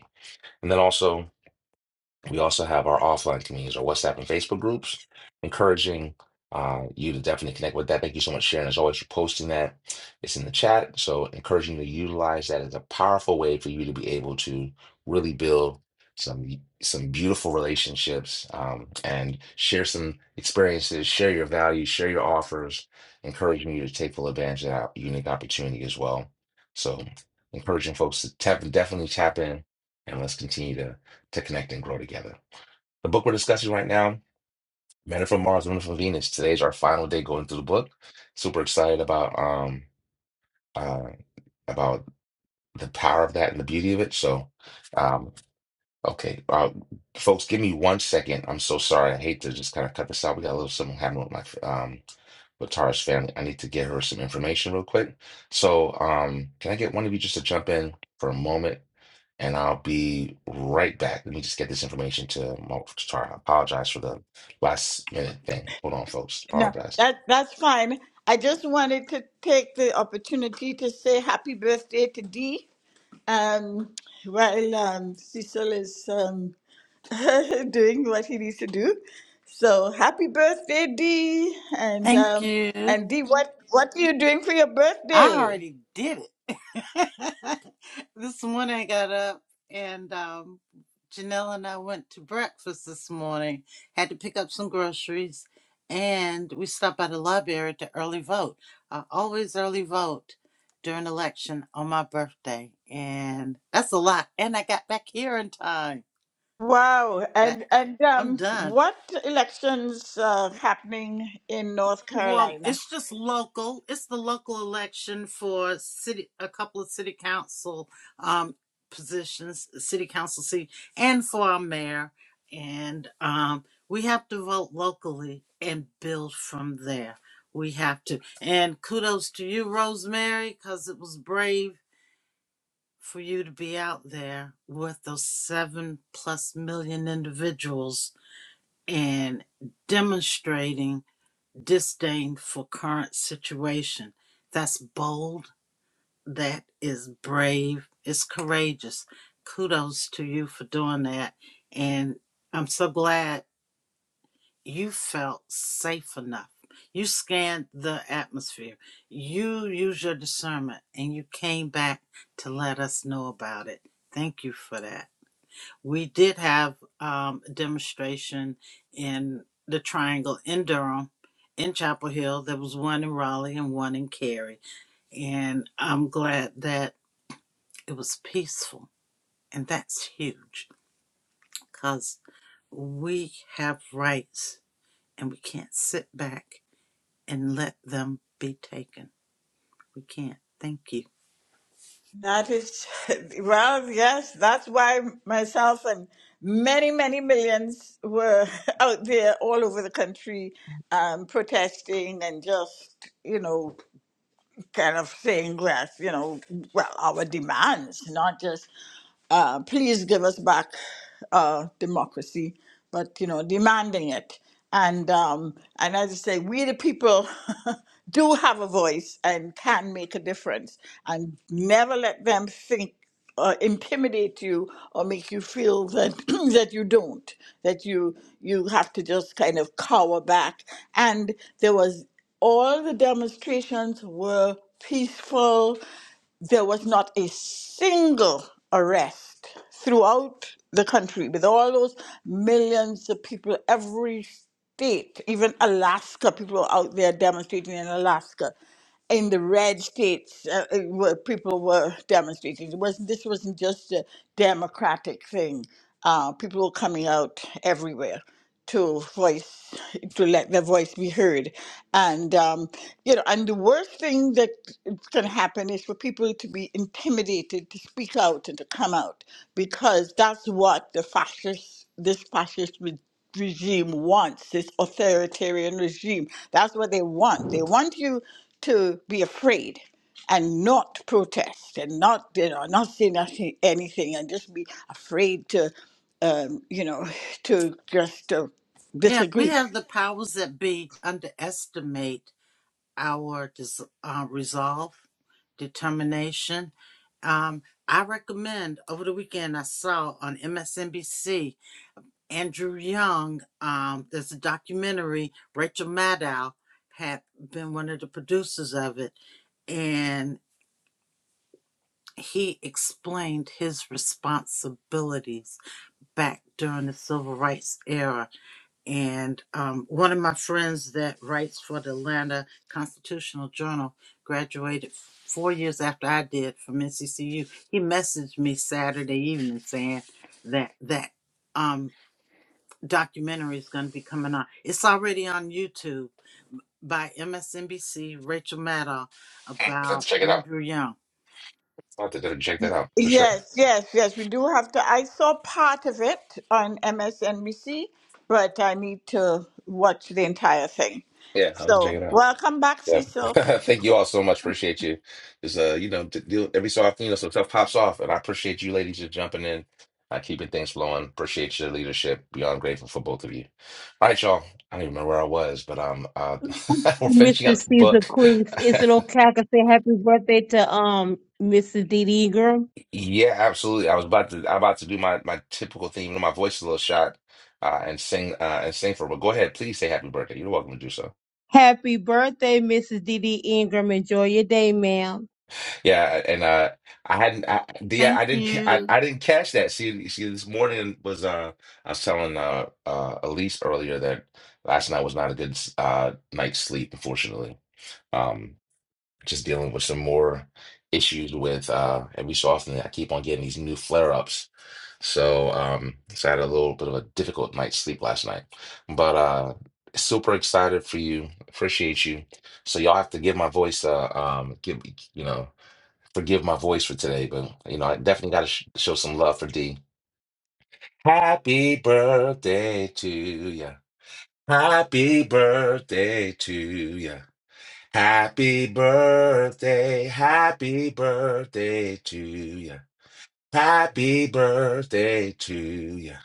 [SPEAKER 1] And then also. We also have our offline communities, our WhatsApp and Facebook groups, encouraging uh, you to definitely connect with that. Thank you so much, Sharon, as always, for posting that. It's in the chat. So, encouraging you to utilize that as a powerful way for you to be able to really build some some beautiful relationships um, and share some experiences, share your values, share your offers, encouraging you to take full advantage of that unique opportunity as well. So, encouraging folks to tap, definitely tap in and let's continue to to connect and grow together. The book we're discussing right now, Men Are from Mars, Women Are from Venus. Today's our final day going through the book. Super excited about um uh about the power of that and the beauty of it. So um okay. Uh folks, give me one second. I'm so sorry. I hate to just kind of cut this out. We got a little something happening with my um with Tara's family. I need to get her some information real quick. So, um, can I get one of you just to jump in for a moment? And I'll be right back. Let me just get this information to, Mo- to Tara. I apologize for the last minute thing. Hold on, folks.
[SPEAKER 5] No,
[SPEAKER 1] Apologize.
[SPEAKER 5] that that's fine. I just wanted to take the opportunity to say happy birthday to Dee. Um, while um, Cecil is um, doing what he needs to do, so happy birthday, Dee! And
[SPEAKER 4] Thank
[SPEAKER 5] um,
[SPEAKER 4] you.
[SPEAKER 5] and Dee, what what are you doing for your
[SPEAKER 4] I
[SPEAKER 5] birthday?
[SPEAKER 4] already did it. this morning I got up and um, Janelle and I went to breakfast this morning, had to pick up some groceries, and we stopped by the library to early vote. I always early vote during election on my birthday, and that's a lot. And I got back here in time.
[SPEAKER 5] Wow!
[SPEAKER 4] That-
[SPEAKER 5] And
[SPEAKER 4] I-
[SPEAKER 5] and
[SPEAKER 4] I'm
[SPEAKER 5] um,
[SPEAKER 4] done.
[SPEAKER 5] what elections are happening in North
[SPEAKER 4] Well,
[SPEAKER 5] Carolina?
[SPEAKER 4] it's just local. It's the local election for city, a couple of city council um, positions, city council seat, and for our mayor. And um, we have to vote locally and build from there. We have to. And kudos to you, Rosemary, because it was brave for you to be out there with those seven plus million individuals and demonstrating disdain for current situation. That's bold. That is brave. It's courageous. Kudos to you for doing that. And I'm so glad you felt safe enough. You scanned the atmosphere. You used your discernment and you came back to let us know about it. Thank you for that. We did have um, a demonstration in the Triangle in Durham, in Chapel Hill. There was one in Raleigh and one in Cary. And I'm glad that it was peaceful. And that's huge because we have rights and we can't sit back and let them be taken. We can't. Thank you.
[SPEAKER 5] That is, well, yes, that's why myself and many, many millions were out there all over the country um, protesting and just, you know, kind of saying, yes, you know, well, our demands, not just uh, please give us back uh, democracy, but you know, demanding it. And um, and as I say, we the people do have a voice and can make a difference. And never let them think uh, intimidate you or make you feel that that you don't, that you you have to just kind of cower back. And there was all the demonstrations were peaceful there was not a single arrest throughout the country with all those millions of people every state even alaska people were out there demonstrating in alaska in the red states uh, uh, where people were demonstrating. It wasn't, this wasn't just a democratic thing. Uh, people were coming out everywhere to voice, to let their voice be heard. And, um, you know, and the worst thing that can happen is for people to be intimidated to speak out and to come out because that's what the fascists, this fascist regime wants, this authoritarian regime. That's what they want. They want you to be afraid and not protest and not you know not say nothing anything and just be afraid to um, you know to just uh,
[SPEAKER 4] Yeah, we
[SPEAKER 5] disagree.
[SPEAKER 4] have the powers that be underestimate our dis- uh, resolve, determination. Um, I recommend over the weekend, I saw on MSNBC Andrew Young. Um, there's a documentary, Rachel Maddow had been one of the producers of it, and he explained his responsibilities back during the civil rights era And um, one of my friends that writes for the Atlanta Constitutional Journal graduated four years after I did from NCCU. He messaged me Saturday evening saying that that um, documentary is going to be coming on. It's already on YouTube by MSNBC Rachel Maddow
[SPEAKER 1] Let's
[SPEAKER 4] about
[SPEAKER 1] check it out.
[SPEAKER 4] Andrew Young.
[SPEAKER 1] I'll have to check that out for sure.
[SPEAKER 5] Yes, yes, yes. We do have to. I saw part of it on MSNBC, but I need to watch the entire thing.
[SPEAKER 1] Yeah, I'll have to check
[SPEAKER 5] So
[SPEAKER 1] it out.
[SPEAKER 5] welcome back,
[SPEAKER 1] Yeah.
[SPEAKER 5] Cecil.
[SPEAKER 1] Thank you all so much. Appreciate you. Because, uh, you know, d deal, every so often, you know, some stuff pops off, and I appreciate you ladies just jumping in, uh, keeping things flowing. Appreciate your leadership. Beyond grateful for both of you. All right, y'all. I don't even remember where I was, but um, uh, we're finishing
[SPEAKER 2] Mr.
[SPEAKER 1] up the
[SPEAKER 2] Caesar
[SPEAKER 1] book.
[SPEAKER 2] Cleese. Is it okay I can say happy birthday to um Mrs. Dee Dee Ingram?
[SPEAKER 1] Yeah, absolutely. I was about to, I'm about to do my my typical thing. You know, my voice is a little shot, uh, and sing uh, and sing for. But go ahead, please say happy birthday. You're welcome to do so.
[SPEAKER 2] Happy birthday, Mrs. Dee Dee Ingram. Enjoy your day, ma'am.
[SPEAKER 1] Yeah, and uh, I hadn't, I, the,
[SPEAKER 4] Thank
[SPEAKER 1] I didn't, ca- I,
[SPEAKER 4] you,
[SPEAKER 1] I didn't catch that. See, see, this morning was, uh, I was telling uh, uh, Elise earlier that last night was not a good uh night's sleep, unfortunately. Um, just dealing with some more issues with, uh, every so often I keep on getting these new flare-ups. So, um, so I had a little bit of a difficult night's sleep last night, but uh, super excited for you. Appreciate you. So y'all have to give my voice, uh, um, give you know. Forgive my voice for today, but you know, I definitely got to sh show some love for D. Happy birthday to ya. Happy birthday to ya. Happy birthday. Happy birthday to ya. Happy birthday to ya.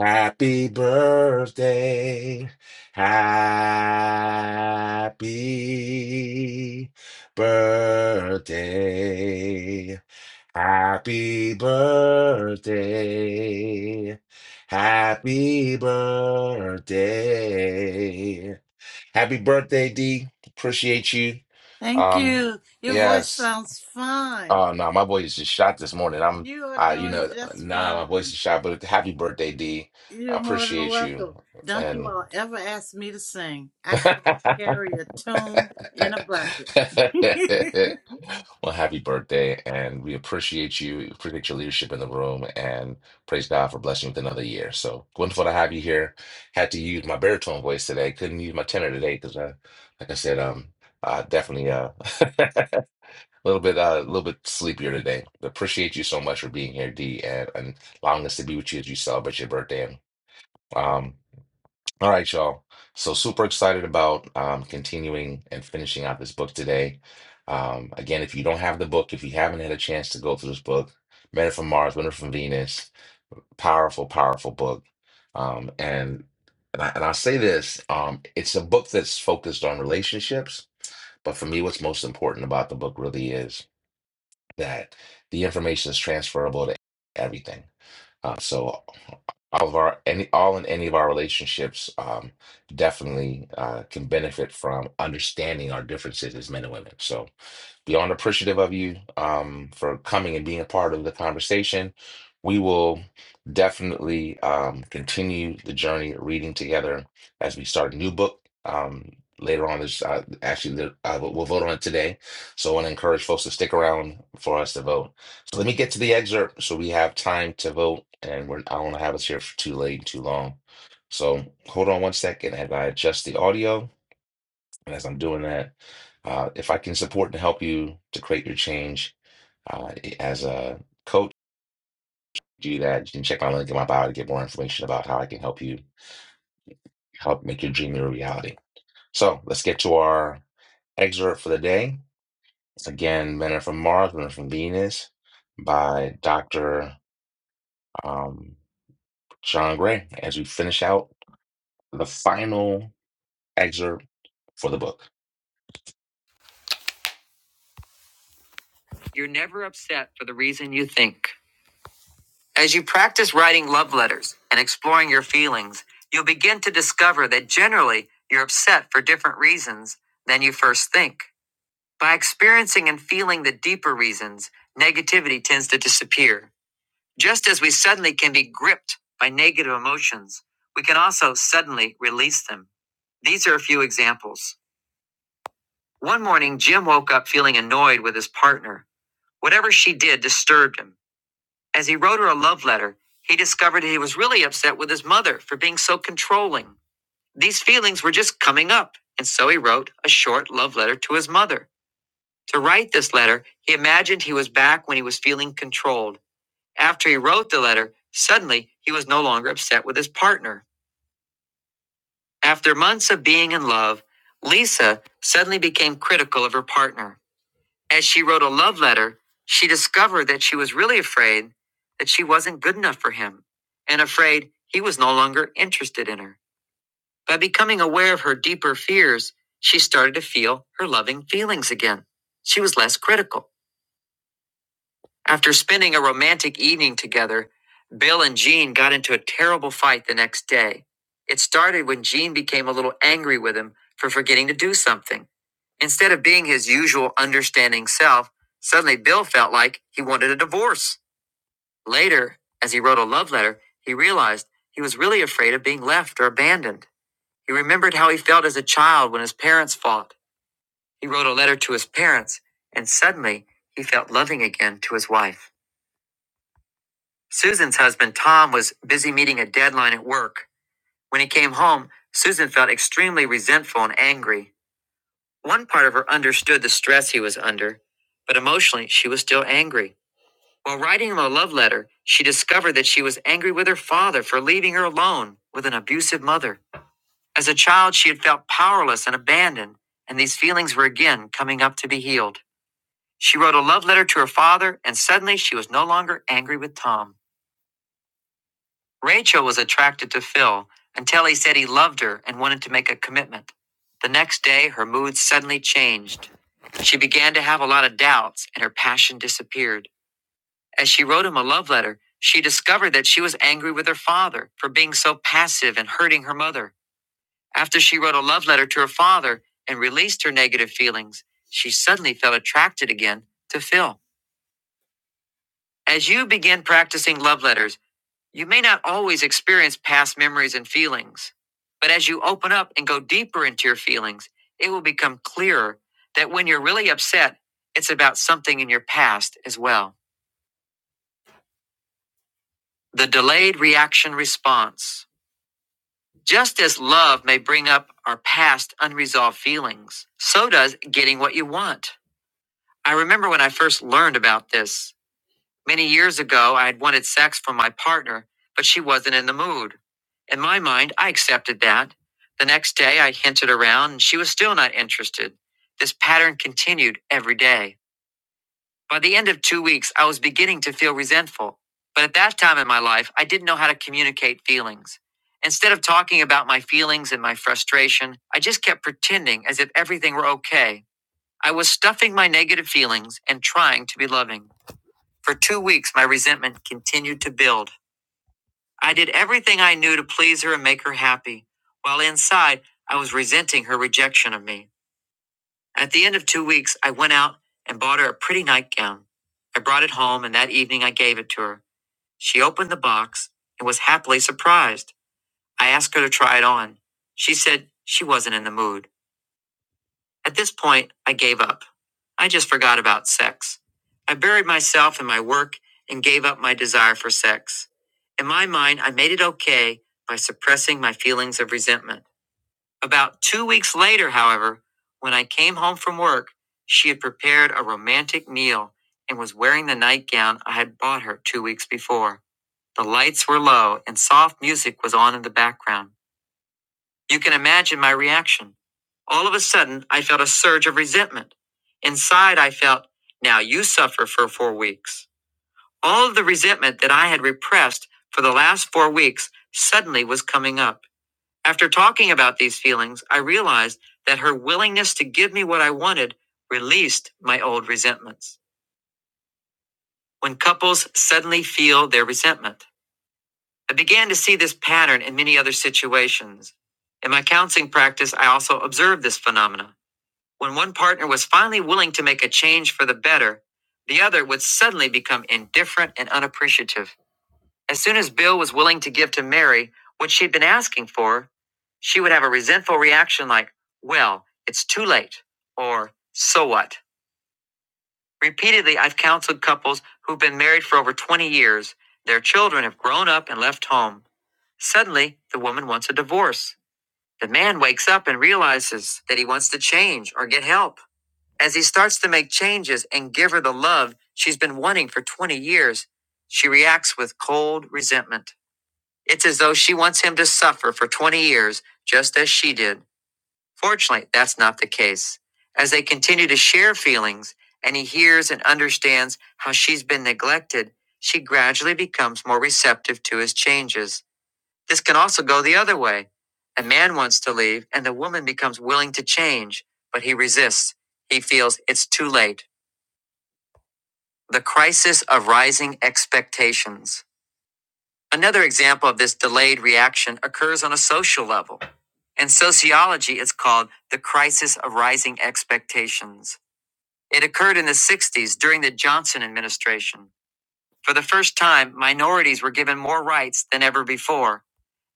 [SPEAKER 1] Happy birthday. Happy birthday. Happy birthday. Happy birthday. Happy birthday, D. Appreciate you.
[SPEAKER 4] thank
[SPEAKER 1] Um,
[SPEAKER 4] you. Your voice
[SPEAKER 1] yes.
[SPEAKER 4] sounds fine.
[SPEAKER 1] Oh no, my voice is just shot this morning. I'm
[SPEAKER 4] You are
[SPEAKER 1] I you
[SPEAKER 4] doing
[SPEAKER 1] know,
[SPEAKER 4] just
[SPEAKER 1] nah, my
[SPEAKER 4] fine.
[SPEAKER 1] voice is shot, but happy birthday, D. I
[SPEAKER 4] You're more than
[SPEAKER 1] appreciate you.
[SPEAKER 4] welcome. Don't you
[SPEAKER 1] And
[SPEAKER 4] all ever ask me to sing. I cannot carry a tune in a bucket.
[SPEAKER 1] Well, happy birthday, and we appreciate you, appreciate your leadership in the room, and praise God for blessing you with another year. So wonderful to have you here. Had to use my baritone voice today. Couldn't use my tenor today because, I, like I said, um, uh, definitely uh, a little bit, uh, a little bit sleepier today. But appreciate you so much for being here, D, and, and allowing us to be with you as you celebrate your birthday. Um, all right, y'all. So super excited about um, continuing and finishing out this book today. Um, again, if you don't have the book, if you haven't had a chance to go through this book, Men Are from Mars, Women Are from Venus, powerful, powerful book. Um, and and, I, and I'll say this: um, it's a book that's focused on relationships. But for me, what's most important about the book really is that the information is transferable to everything. Uh, so all of our any all and any of our relationships um, definitely uh, can benefit from understanding our differences as men and women. So beyond appreciative of you um, for coming and being a part of the conversation. We will definitely um, continue the journey of reading together as we start a new book um, later on. This uh, actually uh, we'll we'll vote on it today, so I want to encourage folks to stick around for us to vote. Let me get to the excerpt so we have time to vote, and we're, I don't want to have us here for too late and too long. So hold on one second as I adjust the audio. And as I'm doing that, uh, if I can support and help you to create your change uh, as a coach, do that. You can check my link in my bio to get more information about how I can help you help make your dream your reality. So let's get to our excerpt for the day. Again, Men Are From Mars, Women Are From Venus by Dr. Sean Gray, as we finish out the final excerpt for the book. You're never upset for the reason you think. As you practice writing love letters and exploring your feelings, you'll begin to discover that generally you're upset for different reasons than you first think. By experiencing and feeling the deeper reasons, negativity tends to disappear. Just as we suddenly can be gripped by negative emotions, we can also suddenly release them. These are a few examples. One morning, Jim woke up feeling annoyed with his partner. Whatever she did disturbed him. As he wrote her a love letter, he discovered he was really upset with his mother for being so controlling. These feelings were just coming up, and so he wrote a short love letter to his mother. To write this letter, he imagined he was back when he was feeling controlled. After he wrote the letter, suddenly he was no longer upset with his partner. After months of being in love, Lisa suddenly became critical of her partner. As she wrote a love letter, she discovered that she was really afraid that she wasn't good enough for him and afraid he was no longer interested in her. By becoming aware of her deeper fears, she started to feel her loving feelings again. She was less critical. After spending a romantic evening together, Bill and Jean got into a terrible fight the next day. It started when Jean became a little angry with him for forgetting to do something. Instead of being his usual understanding self, suddenly Bill felt like he wanted a divorce. Later, as he wrote a love letter, he realized he was really afraid of being left or abandoned. He remembered how he felt as a child when his parents fought. He wrote a letter to his parents, and suddenly he felt loving again to his wife. Susan's husband, Tom, was busy meeting a deadline at work. When he came home, Susan felt extremely resentful and angry. One part of her understood the stress he was under, but emotionally, she was still angry. While writing him a love letter, she discovered that she was angry with her father for leaving her alone with an abusive mother. As a child, she had felt powerless and abandoned, and these feelings were again coming up to be healed. She wrote a love letter to her father, and suddenly she was no longer angry with Tom. Rachel was attracted to Phil until he said he loved her and wanted to make a commitment. The next day, her mood suddenly changed. She began to have a lot of doubts and her passion disappeared. As she wrote him a love letter, she discovered that she was angry with her father for being so passive and hurting her mother. After she wrote a love letter to her father and released her negative feelings, she suddenly felt attracted again to Phil. As you begin practicing love letters, You may not always experience past memories and feelings, but as you open up and go deeper into your feelings, it will become clearer that when you're really upset, it's about something in your past as well. The delayed reaction response. Just as love may bring up our past unresolved feelings, so does getting what you want. I remember when I first learned about this. Many years ago, I had wanted sex from my partner, but she wasn't in the mood. In my mind, I accepted that. The next day, I hinted around, and she was still not interested. This pattern continued every day. By the end of two weeks, I was beginning to feel resentful. But at that time in my life, I didn't know how to communicate feelings. Instead of talking about my feelings and my frustration, I just kept pretending as if everything were okay. I was stuffing my negative feelings and trying to be loving. For two weeks, my resentment continued to build. I did everything I knew to please her and make her happy, while inside, I was resenting her rejection of me. At the end of two weeks, I went out and bought her a pretty nightgown. I brought it home, and that evening I gave it to her. She opened the box and was happily surprised. I asked her to try it on. She said she wasn't in the mood. At this point, I gave up. I just forgot about sex. I buried myself in my work and gave up my desire for sex. In my mind, I made it okay by suppressing my feelings of resentment. About two weeks later, however, when I came home from work, she had prepared a romantic meal and was wearing the nightgown I had bought her two weeks before. The lights were low and soft music was on in the background. You can imagine my reaction. All of a sudden, I felt a surge of resentment. Inside, I felt, now you suffer for four weeks. All of the resentment that I had repressed for the last four weeks suddenly was coming up. After talking about these feelings, I realized that her willingness to give me what I wanted released my old resentments. When couples suddenly feel their resentment, I began to see this pattern in many other situations. In my counseling practice, I also observed this phenomena. When one partner was finally willing to make a change for the better, the other would suddenly become indifferent and unappreciative. As soon as Bill was willing to give to Mary what she'd been asking for, she would have a resentful reaction like, Well, it's too late, or So what? Repeatedly, I've counseled couples who've been married for over 20 years. Their children have grown up and left home. Suddenly, the woman wants a divorce. The man wakes up and realizes that he wants to change or get help. As he starts to make changes and give her the love she's been wanting for 20 years, she reacts with cold resentment. It's as though she wants him to suffer for 20 years, just as she did. Fortunately, that's not the case. As they continue to share feelings and he hears and understands how she's been neglected, she gradually becomes more receptive to his changes. This can also go the other way. A man wants to leave and the woman becomes willing to change, but he resists. He feels it's too late. The crisis of rising expectations. Another example of this delayed reaction occurs on a social level. In sociology, it's called the crisis of rising expectations. It occurred in the 60s during the Johnson administration. For the first time, minorities were given more rights than ever before.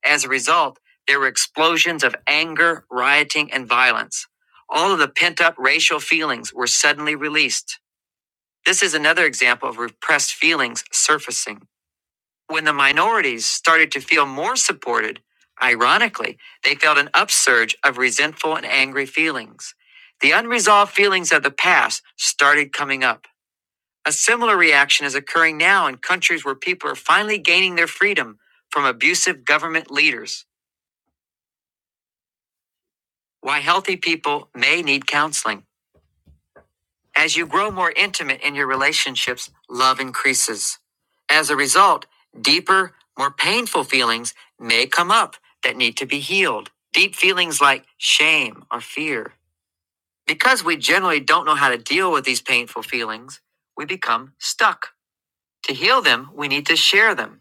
[SPEAKER 1] As a result, there were explosions of anger, rioting, and violence. All of the pent up racial feelings were suddenly released. This is another example of repressed feelings surfacing. When the minorities started to feel more supported, ironically, they felt an upsurge of resentful and angry feelings. The unresolved feelings of the past started coming up. A similar reaction is occurring now in countries where people are finally gaining their freedom from abusive government leaders. Why healthy people may need counseling. As you grow more intimate in your relationships, love increases. As a result, deeper, more painful feelings may come up that need to be healed. Deep feelings like shame or fear. Because we generally don't know how to deal with these painful feelings, we become stuck. To heal them, we need to share them,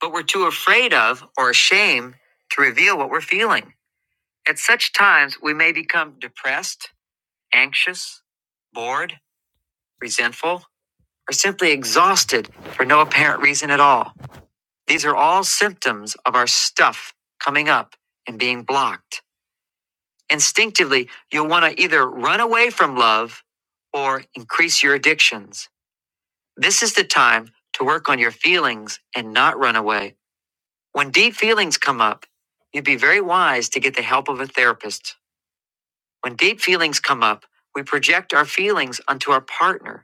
[SPEAKER 1] but we're too afraid of or ashamed to reveal what we're feeling. At such times, we may become depressed, anxious, bored, resentful, or simply exhausted for no apparent reason at all. These are all symptoms of our stuff coming up and being blocked. Instinctively, you'll want to either run away from love or increase your addictions. This is the time to work on your feelings and not run away. When deep feelings come up, you'd be very wise to get the help of a therapist. When deep feelings come up, we project our feelings onto our partner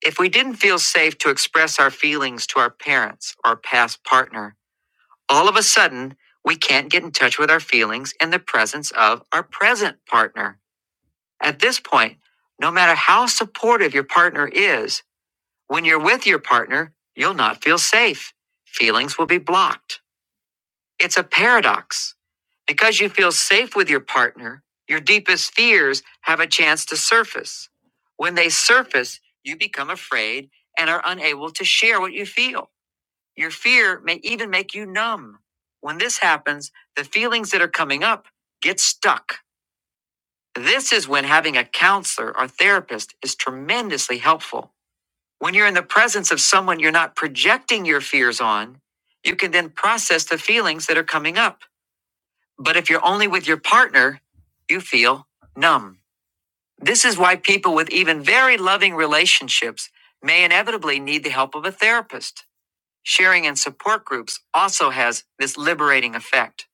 [SPEAKER 1] If we didn't feel safe to express our feelings to our parents or past partner, all of a sudden, we can't get in touch with our feelings in the presence of our present partner. At this point, no matter how supportive your partner is, when you're with your partner, you'll not feel safe. Feelings will be blocked. It's a paradox. Because you feel safe with your partner, your deepest fears have a chance to surface. When they surface, you become afraid and are unable to share what you feel. Your fear may even make you numb. When this happens, the feelings that are coming up get stuck. This is when having a counselor or therapist is tremendously helpful. When you're in the presence of someone you're not projecting your fears on, you can then process the feelings that are coming up. But if you're only with your partner, you feel numb. This is why people with even very loving relationships may inevitably need the help of a therapist. Sharing and support groups also has this liberating effect.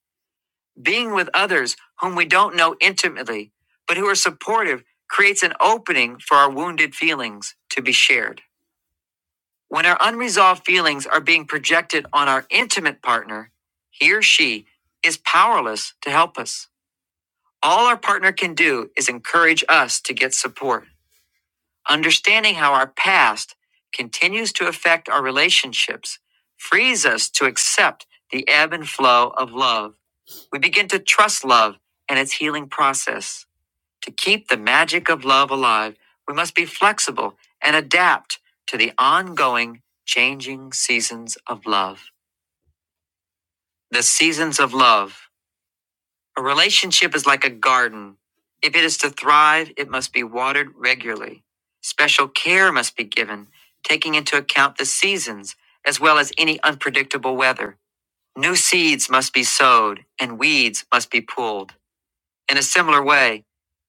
[SPEAKER 1] Being with others whom we don't know intimately, but who are supportive, creates an opening for our wounded feelings to be shared. When our unresolved feelings are being projected on our intimate partner, he or she is powerless to help us. All our partner can do is encourage us to get support. Understanding how our past continues to affect our relationships frees us to accept the ebb and flow of love. We begin to trust love and its healing process. To keep the magic of love alive, we must be flexible and adapt to the ongoing changing seasons of love. The seasons of love. A relationship is like a garden. If it is to thrive, it must be watered regularly. Special care must be given, taking into account the seasons as well as any unpredictable weather. New seeds must be sowed and weeds must be pulled. In a similar way,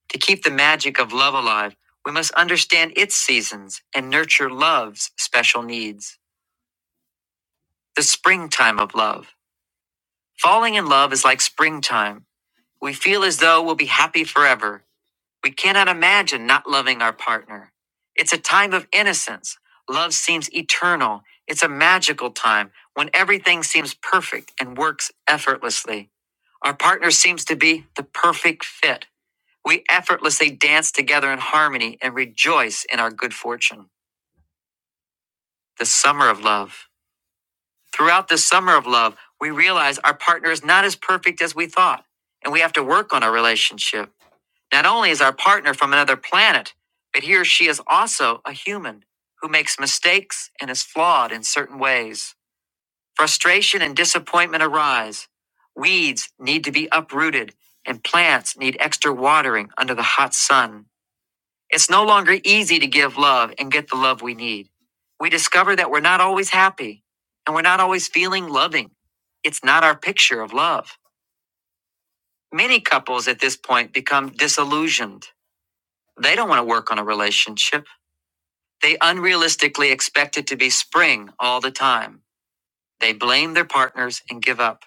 [SPEAKER 1] to keep the magic of love alive, we must understand its seasons and nurture love's special needs. The springtime of love. Falling in love is like springtime. We feel as though we'll be happy forever We cannot imagine not loving our partner. It's a time of innocence. Love seems eternal. It's a magical time when everything seems perfect and works effortlessly. Our partner seems to be the perfect fit. We effortlessly dance together in harmony and rejoice in our good fortune. The summer of love. Throughout the summer of love, we realize our partner is not as perfect as we thought, and we have to work on our relationship. Not only is our partner from another planet, but he or she is also a human who makes mistakes and is flawed in certain ways. Frustration and disappointment arise. Weeds need to be uprooted, and plants need extra watering under the hot sun. It's no longer easy to give love and get the love we need. We discover that we're not always happy, and we're not always feeling loving. It's not our picture of love. Many couples at this point become disillusioned. They don't want to work on a relationship. They unrealistically expect it to be spring all the time. They blame their partners and give up.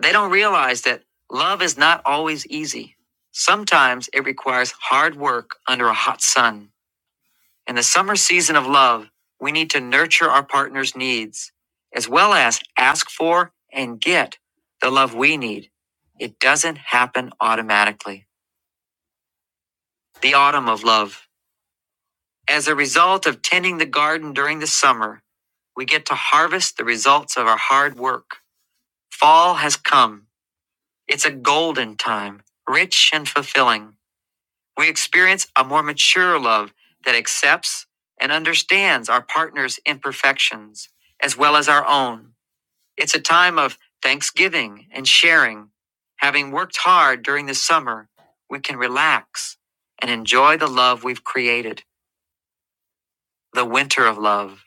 [SPEAKER 1] They don't realize that love is not always easy. Sometimes it requires hard work under a hot sun. In the summer season of love, we need to nurture our partner's needs as well as ask for and get the love we need. It doesn't happen automatically. The autumn of love. As a result of tending the garden during the summer, we get to harvest the results of our hard work. Fall has come. It's a golden time, rich and fulfilling. We experience a more mature love that accepts and understands our partner's imperfections as well as our own. It's a time of thanksgiving and sharing. Having worked hard during the summer, we can relax and enjoy the love we've created, the winter of love.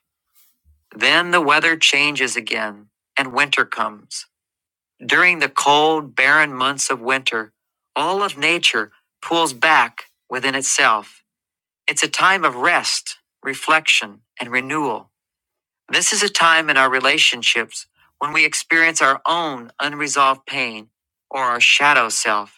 [SPEAKER 1] Then the weather changes again, and winter comes. During the cold, barren months of winter, all of nature pulls back within itself. It's a time of rest, reflection, and renewal. This is a time in our relationships when we experience our own unresolved pain or our shadow self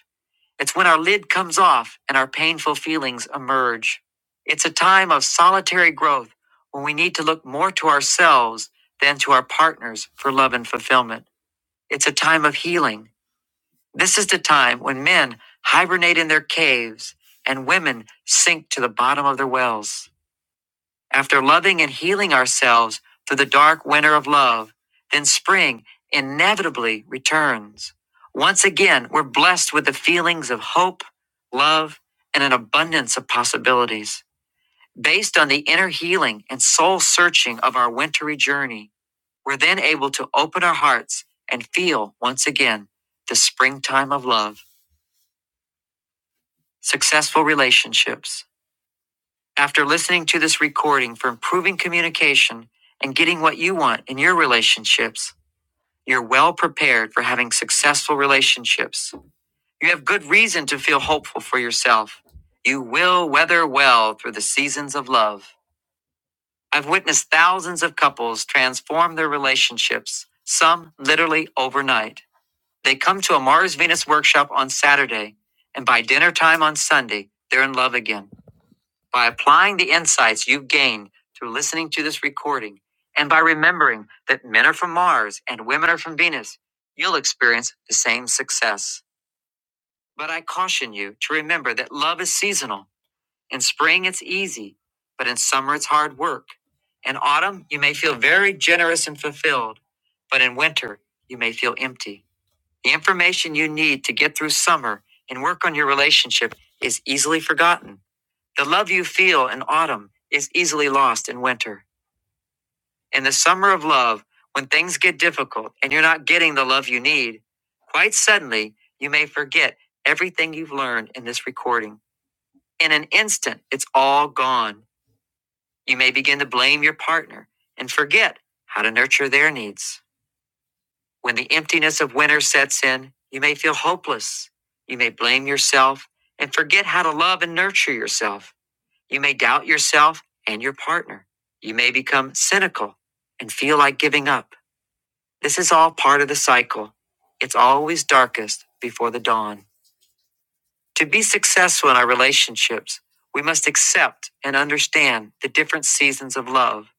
[SPEAKER 1] it's when our lid comes off and our painful feelings emerge. It's a time of solitary growth when we need to look more to ourselves than to our partners for love and fulfillment. It's a time of healing. This is the time when men hibernate in their caves and women sink to the bottom of their wells. After loving and healing ourselves through the dark winter of love, then spring inevitably returns. Once again, we're blessed with the feelings of hope, love, and an abundance of possibilities. Based on the inner healing and soul searching of our wintry journey, we're then able to open our hearts and feel once again the springtime of love. Successful relationships. After listening to this recording for improving communication and getting what you want in your relationships, you're well prepared for having successful relationships. You have good reason to feel hopeful for yourself. You will weather well through the seasons of love. I've witnessed thousands of couples transform their relationships, some literally overnight. They come to a Mars Venus workshop on Saturday, and by dinner time on Sunday, they're in love again. By applying the insights you've gained through listening to this recording and by remembering that men are from Mars and women are from Venus, you'll experience the same success. But I caution you to remember that love is seasonal. In spring, it's easy, but in summer, it's hard work. In autumn, you may feel very generous and fulfilled, but in winter, you may feel empty. The information you need to get through summer and work on your relationship is easily forgotten. The love you feel in autumn is easily lost in winter. In the summer of love, when things get difficult and you're not getting the love you need, quite suddenly you may forget everything you've learned in this recording. In an instant, it's all gone. You may begin to blame your partner and forget how to nurture their needs. When the emptiness of winter sets in, you may feel hopeless. You may blame yourself and forget how to love and nurture yourself. You may doubt yourself and your partner. You may become cynical and feel like giving up. This is all part of the cycle. It's always darkest before the dawn. To be successful in our relationships, we must accept and understand the different seasons of love.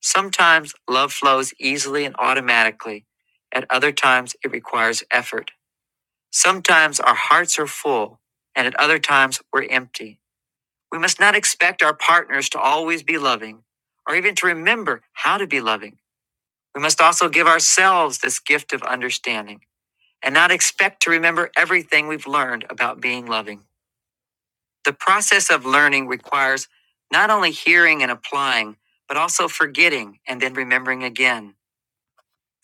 [SPEAKER 1] Sometimes love flows easily and automatically. At other times, it requires effort. Sometimes our hearts are full, and at other times, we're empty. We must not expect our partners to always be loving or even to remember how to be loving. We must also give ourselves this gift of understanding and not expect to remember everything we've learned about being loving. The process of learning requires not only hearing and applying, but also forgetting and then remembering again.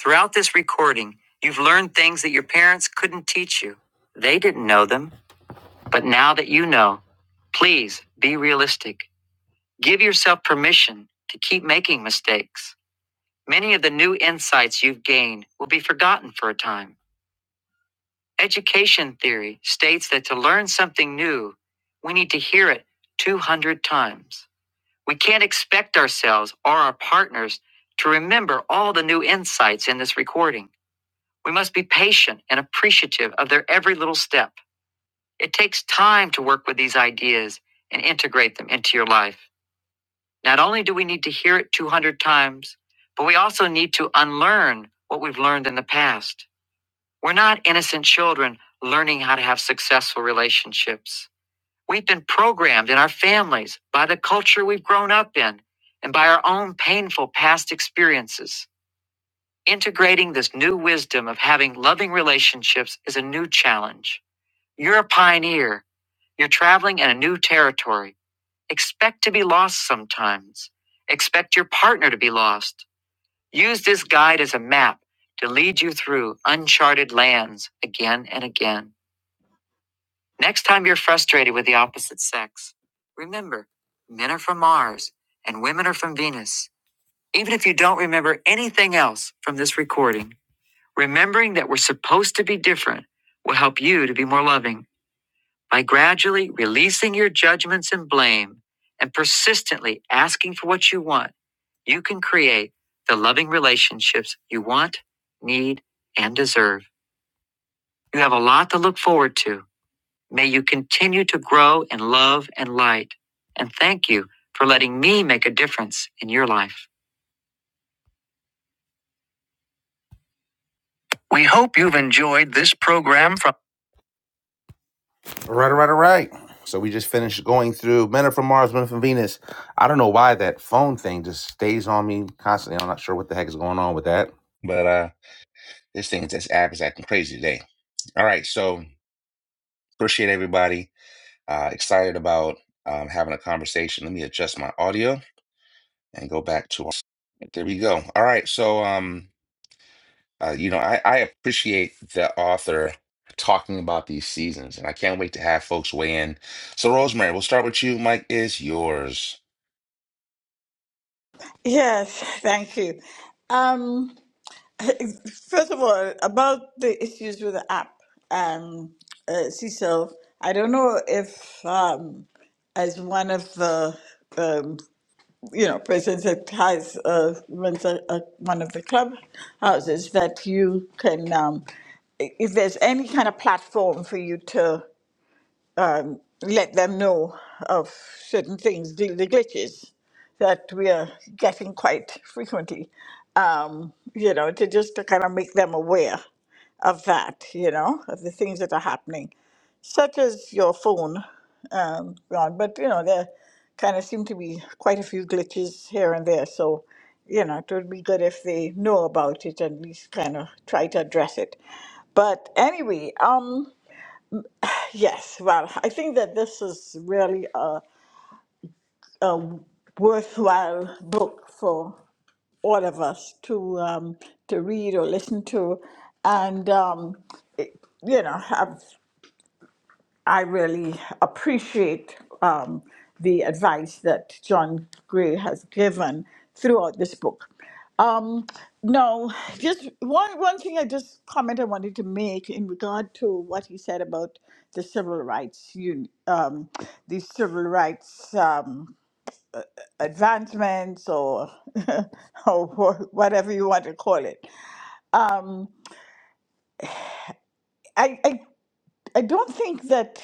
[SPEAKER 1] Throughout this recording, you've learned things that your parents couldn't teach you. They didn't know them, but now that you know, please be realistic Give yourself permission to keep making mistakes. Many of the new insights you've gained will be forgotten for a time. Education theory states that to learn something new, we need to hear it 200 times. We can't expect ourselves or our partners to remember all the new insights in this recording. We must be patient and appreciative of their every little step. It takes time to work with these ideas and integrate them into your life. Not only do we need to hear it 200 times, but we also need to unlearn what we've learned in the past. We're not innocent children learning how to have successful relationships. We've been programmed in our families by the culture we've grown up in and by our own painful past experiences. Integrating this new wisdom of having loving relationships is a new challenge. You're a pioneer. You're traveling in a new territory Expect to be lost sometimes. Expect your partner to be lost. Use this guide as a map to lead you through uncharted lands again and again. Next time you're frustrated with the opposite sex, remember men are from Mars and women are from Venus. Even if you don't remember anything else from this recording, remembering that we're supposed to be different will help you to be more loving by gradually releasing your judgments and blame and persistently asking for what you want, you can create the loving relationships you want, need, and deserve. You have a lot to look forward to. May you continue to grow in love and light. And thank you for letting me make a difference in your life. We hope you've enjoyed this program. from. All Right, all right, all right. So we just finished going through Men Are From Mars, Men Are From Venus. I don't know why that phone thing just stays on me constantly. I'm not sure what the heck is going on with that. But uh this thing, this app is acting crazy today. All right, so appreciate everybody. Uh excited about um, having a conversation. Let me adjust my audio and go back to there we go. All right, so um Uh, you know, I, I appreciate the author talking about these seasons, and I can't wait to have folks weigh in. So, Rosemary, we'll start with you. Mike is yours.
[SPEAKER 5] Yes, thank you. Um, first of all, about the issues with the app, um, uh, Cecil, I don't know if, um, as one of the, um, you know, persons that has uh, runs a, a, one of the club houses, that you can, um, i- if there's any kind of platform for you to let them know of certain things, gl- the glitches that we are getting quite frequently, um, you know, to just to kind of make them aware of that, you know, of the things that are happening, such as your phone, um, Ron. But, you know, there kind of seem to be quite a few glitches here and there. So, you know, it would be good if they know about it and at least kind of try to address it. But anyway, um, yes, well, I think that this is really a, worthwhile book for all of us to um, to read or listen to, and um, it- you know, I've, I really appreciate um, the advice that John Gray has given throughout this book. Um, no, just one one thing. I just comment I wanted to make in regard to what he said about the civil rights, un- um, the civil rights. Um, advancements or or wha- whatever you want to call it. Um, I, I I don't think that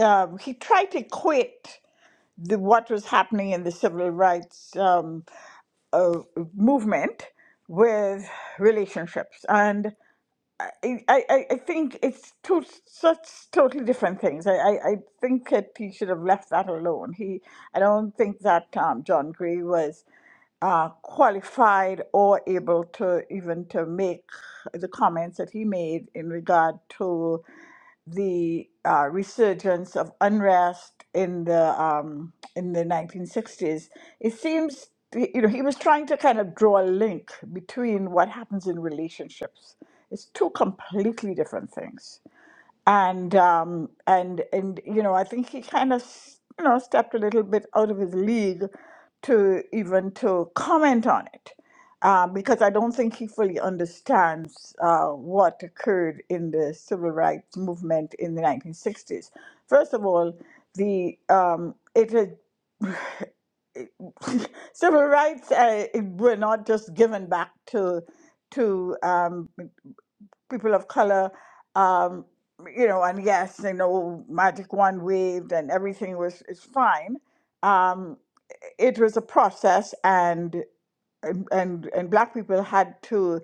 [SPEAKER 5] um, he tried to equate the what was happening in the civil rights um, uh, movement with relationships and. I, I, I I think it's two such totally different things. I, I, I think that he should have left that alone. He I don't think that um, John Gray was uh, qualified or able to even to make the comments that he made in regard to the uh, resurgence of unrest in the um, in the 1960s. It seems you know he was trying to kind of draw a link between what happens in relationships. It's two completely different things and um and and you know i think he kind of you know stepped a little bit out of his league to even to comment on it uh, because i don't think he fully understands uh, what occurred in the civil rights movement in the 1960s first of all the um it had civil rights uh, were not just given back to to um, people of color, um, you know, and yes, you know, magic wand waved and everything was is fine. Um, it was a process, and and and black people had to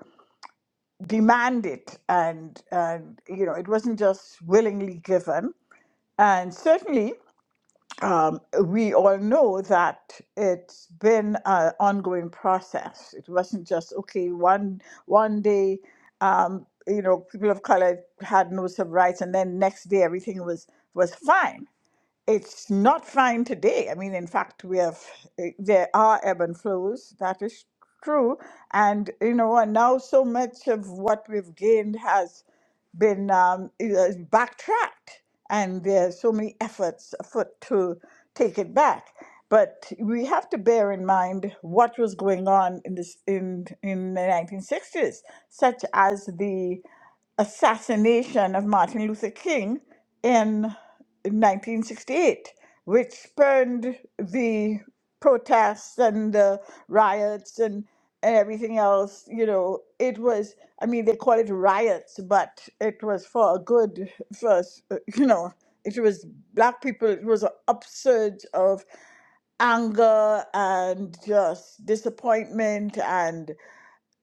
[SPEAKER 5] demand it, and and you know, it wasn't just willingly given. And certainly um, we all know that it's been an ongoing process. It wasn't just okay one one day, um, you know, people of color had no civil rights, and then next day everything was was fine it's not fine today. I mean, in fact, we have eh, there are ebb and flows. That is true, and you know, and now so much of what we've gained has been um, eh, uh, backtracked, and there are so many efforts afoot to take it back. But we have to bear in mind what was going on in this in in the 1960s, such as the assassination of Martin Luther King in in 1968, which spurned the protests and the riots and, and everything else. You know, it was, I mean, they call it riots, but it was for a good, for, s- you know, it was black people, it was an upsurge of anger and just disappointment and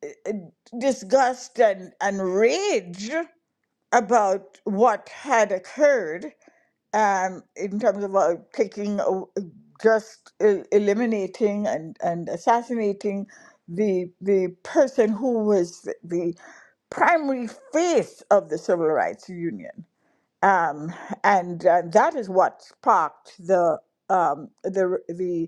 [SPEAKER 5] uh, uh, disgust and, and rage about what had occurred um, in terms of uh, taking a- uh, just uh, eliminating and, and assassinating the the person who was the primary face of the civil rights union um, and uh, that is what sparked the um, the the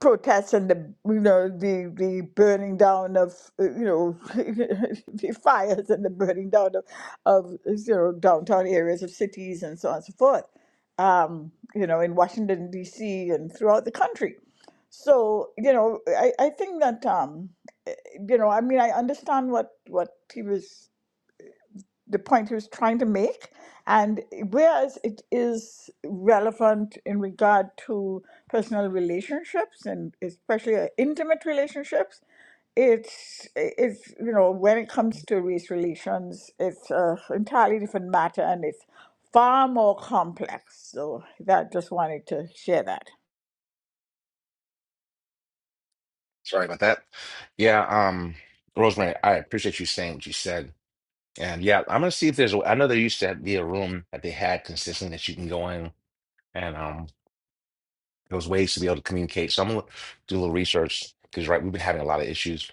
[SPEAKER 5] protests and the you know the the burning down of uh, you know the fires and the burning down of, of you know downtown areas of cities and so on and so forth um, you know in Washington DC and throughout the country so you know I, I think that um, eh, you know I mean I understand what what he was the point he was trying to make. And whereas it is relevant in regard to personal relationships and especially uh, intimate relationships, it's it's you know when it comes to race relations, it's an entirely different matter and it's far more complex. So that just wanted to share that.
[SPEAKER 1] Sorry about that. Yeah, um, Rosemary, I appreciate you saying what you said. And yeah, I'm gonna see if there's a, I know there used to be a room that they had consistently that you can go in and um there was ways to be able to communicate. So I'm gonna do a little research because right, we've been having a lot of issues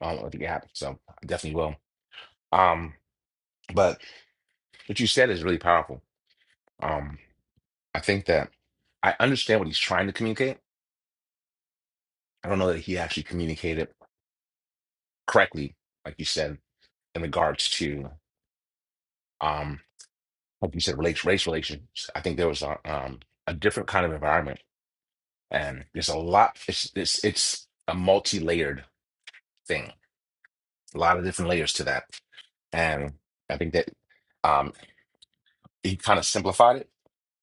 [SPEAKER 1] um with the app. So I definitely will. Um, but what you said is really powerful. Um, I think that I understand what he's trying to communicate. I don't know that he actually communicated correctly, like you said, in regards to, um, like you said, race, race relations. I think there was a, um, a different kind of environment, and there's a lot. It's it's it's a multi-layered thing, a lot of different layers to that, and I think that um, he kind of simplified it.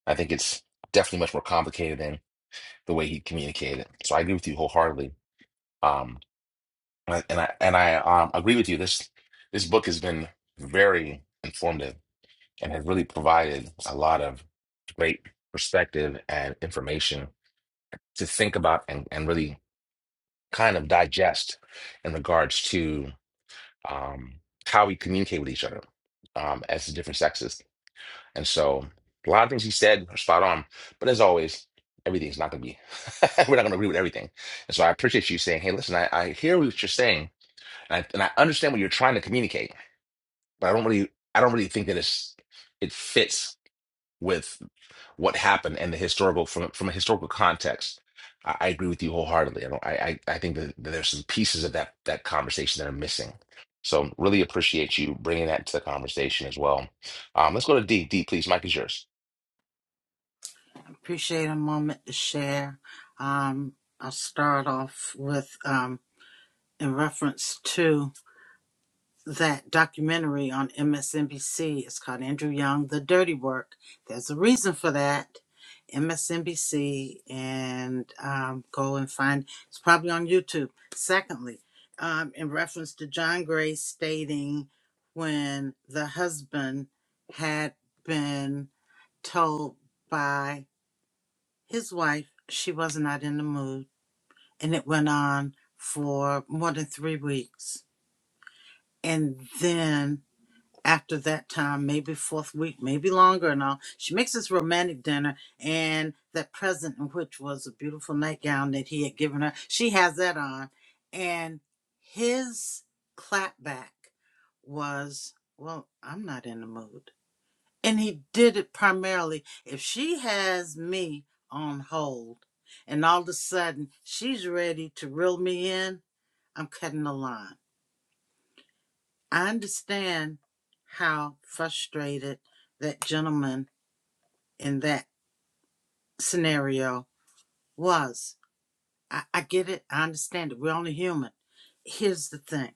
[SPEAKER 1] I think it's definitely much more complicated than the way he communicated it. So I agree with you wholeheartedly. Um, And I and I and I um, agree with you. This this book has been very informative and has really provided a lot of great perspective and information to think about and, and really kind of digest in regards to um, how we communicate with each other um, as the different sexes. And so a lot of things he said are spot on, but as always, everything's not going to be, we're not going to agree with everything. And so I appreciate you saying, hey, listen, I, I hear what you're saying and I, and I understand what you're trying to communicate, but I don't really I don't really think that it's it fits with what happened and the historical from from a historical context. I, I agree with you wholeheartedly. I don't I I, I think that, that there's some pieces of that that conversation that are missing. So really appreciate you bringing that to the conversation as well. Um, let's go to D. D, please. Mike is yours.
[SPEAKER 4] Appreciate a moment to share. Um, I'll start off with um, in reference to. that documentary on MSNBC. It's called Andrew Young, The Dirty Work. There's a reason for that. MSNBC, and um, go and find. It's probably on YouTube. Secondly, um, in reference to John Gray stating when the husband had been told by his wife she was not in the mood, and it went on for more than three weeks, and then after that time, maybe fourth week, maybe longer and all. She makes this romantic dinner and that present in which was a beautiful nightgown that he had given her. She has that on. And his clapback was, well, I'm not in the mood. And he did it primarily. If she has me on hold and all of a sudden she's ready to reel me in, I'm cutting the line. I understand how frustrated that gentleman in that scenario was. I, I get it. I understand it. We're only human. Here's the thing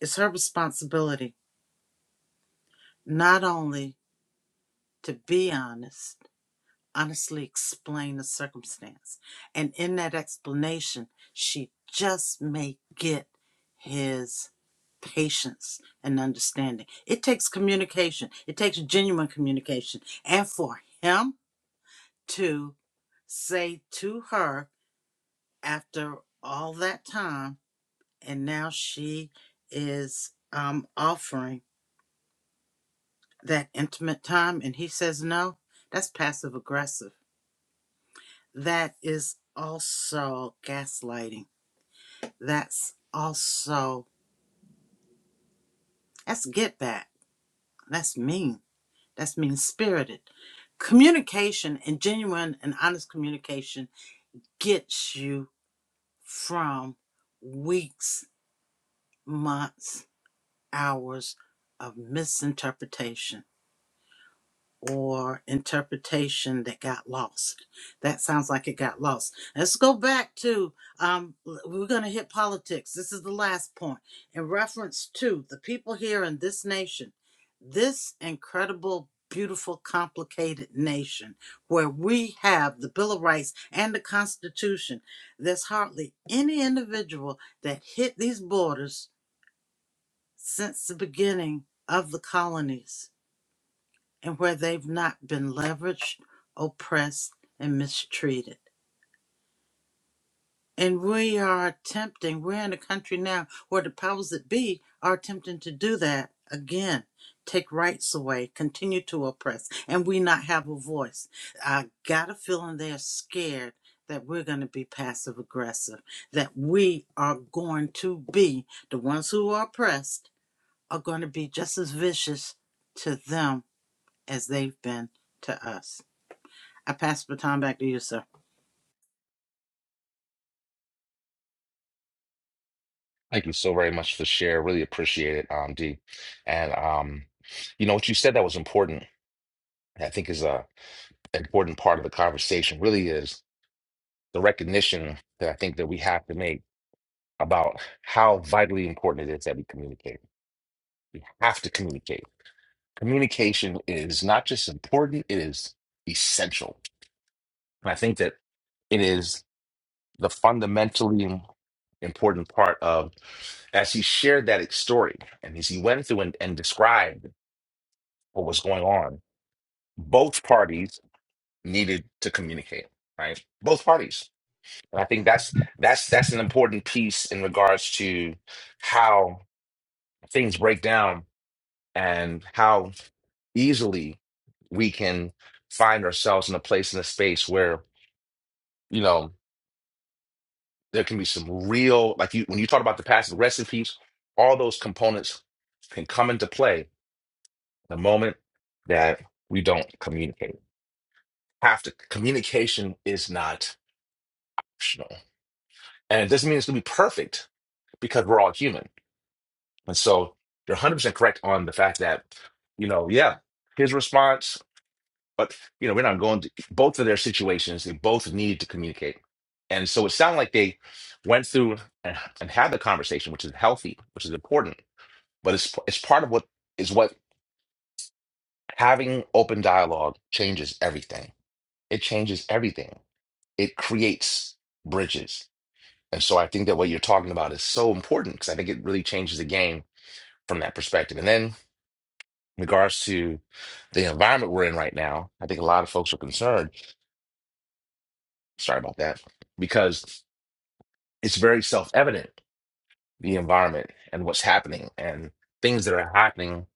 [SPEAKER 4] it's her responsibility not only to be honest, honestly explain the circumstance. And in that explanation, she just may get his patience and understanding. It takes communication, it takes genuine communication. And for him to say to her after all that time, and now she is um, offering that intimate time, and he says no, that's passive aggressive that is also gaslighting. That's also that's get back. That's mean. That's mean spirited. Communication and genuine and honest communication gets you from weeks, months, hours of misinterpretation. or interpretation that got lost. That sounds like it got lost. Let's go back to um we're going to hit politics. This is the last point in reference to the people here in this nation. This incredible beautiful complicated nation where we have the bill of rights and the constitution there's hardly any individual that hit these borders since the beginning of the colonies and where they've not been leveraged, oppressed, and mistreated. And we are attempting, we're in a country now where the powers that be are attempting to do that again, take rights away, continue to oppress, and we not have a voice. I got a feeling they're scared that we're going to be passive aggressive, that we are going to be the ones who are oppressed are going to be just as vicious to them as they've been to us. I pass the baton back to you, sir.
[SPEAKER 1] Thank you so very much for the share. Really appreciate it, um, D. And um, you know what you said that was important. I think is a important part of the conversation. Really is the recognition that I think that we have to make about how vitally important it is that we communicate. We have to communicate. Communication is not just important, it is essential. And I think that it is the fundamentally important part of as he shared that story and as he went through and, and described what was going on, both parties needed to communicate, right? Both parties And I think that's that's that's an important piece in regards to how things break down and how easily we can find ourselves in a place in a space where you know there can be some real like you when you talk about the passive aggressive piece, all those components can come into play the moment that we don't communicate. Have to communication is not optional, and it doesn't mean it's going to be perfect because we're all human And so you're 100% correct on the fact that, you know, yeah, his response, but, you know, we're not going to both of their situations, they both needed to communicate. And so it sounded like they went through and, and had the conversation, which is healthy, which is important, but it's, it's part of what is what having open dialogue changes everything. It changes everything. It creates bridges. And so I think that what you're talking about is so important because I think it really changes the game from that perspective. And then. in regards to the environment we're in right now, I think a lot of folks are concerned. Sorry about that, because it's very self evident the environment and what's happening and things that are happening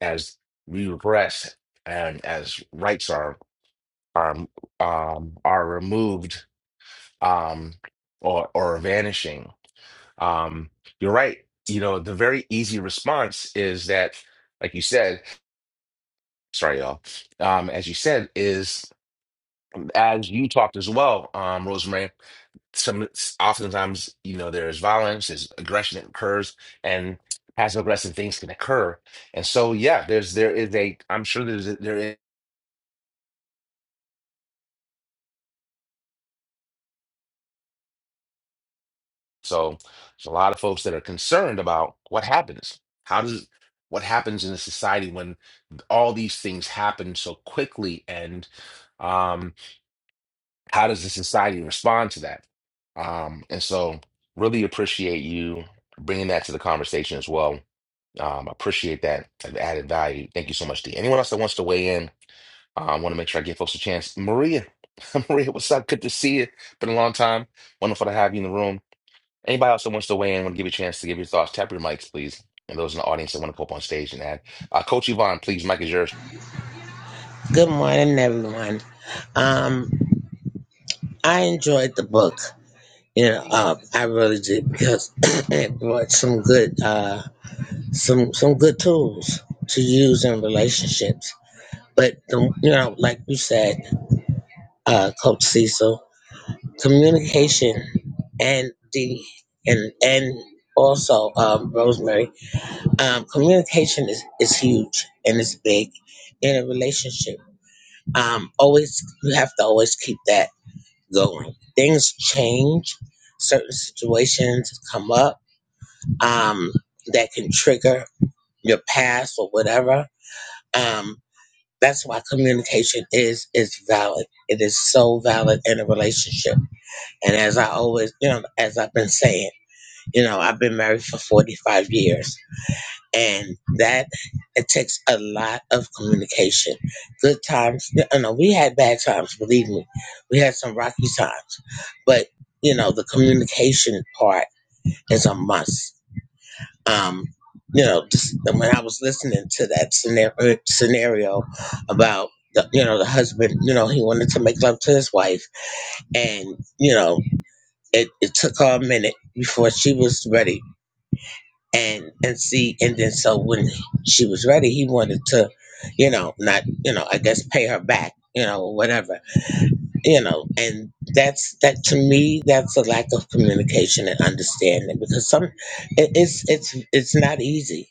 [SPEAKER 1] as we regress and as rights are are um, are removed um, or or vanishing. Um, you're right. You know, the very easy response is that, like you said, sorry, y'all. Um, as you said, is as you talked as well, um, Rosemary, some oftentimes, you know, there's violence, there's aggression that occurs, and passive aggressive things can occur. And so, yeah, there's there is a I'm sure there's a, there is so there's a lot of folks that are concerned about what happens. How does what happens in a society when all these things happen so quickly and um how does the society respond to that? Um, and so really appreciate you bringing that to the conversation as well Um, I appreciate that added value. Thank you so much, D. Anyone else that wants to weigh in? Uh, I want to make sure I give folks a chance. Maria, Maria, what's up? Good to see you. Been a long time. Wonderful to have you in the room. Anybody else that wants to weigh in, want to give you a chance to give your thoughts, tap your mics, please. And those in the audience that want to come up on stage and add. Uh, Coach Yvonne, please, mic is yours.
[SPEAKER 7] Good morning, everyone. Um, I enjoyed the book. You know, uh, I really did because it brought some good, uh, some some good tools to use in relationships. But the, you know, like you said, uh, Coach Cecil, communication and the and and also um, Rosemary, um, communication is is huge and it's big in a relationship. Um, always you have to always keep that. going. Things change, certain situations come up um, that can trigger your past or whatever. Um, that's why communication is is valid. It is so valid in a relationship. And as I always, you know, as I've been saying, you know, I've been married for 45 years and that it takes a lot of communication. Good times, no, no, we had bad times. Believe me, we had some rocky times, but you know the communication part is a must. Um, you know, just when I was listening to that scenario, scenario about the, you know the husband, you know he wanted to make love to his wife, and you know it, it took her a minute before she was ready and and see and then so when she was ready he wanted to you know not you know i guess pay her back you know or whatever you know and that's that to me that's a lack of communication and understanding because some it, it's it's it's not easy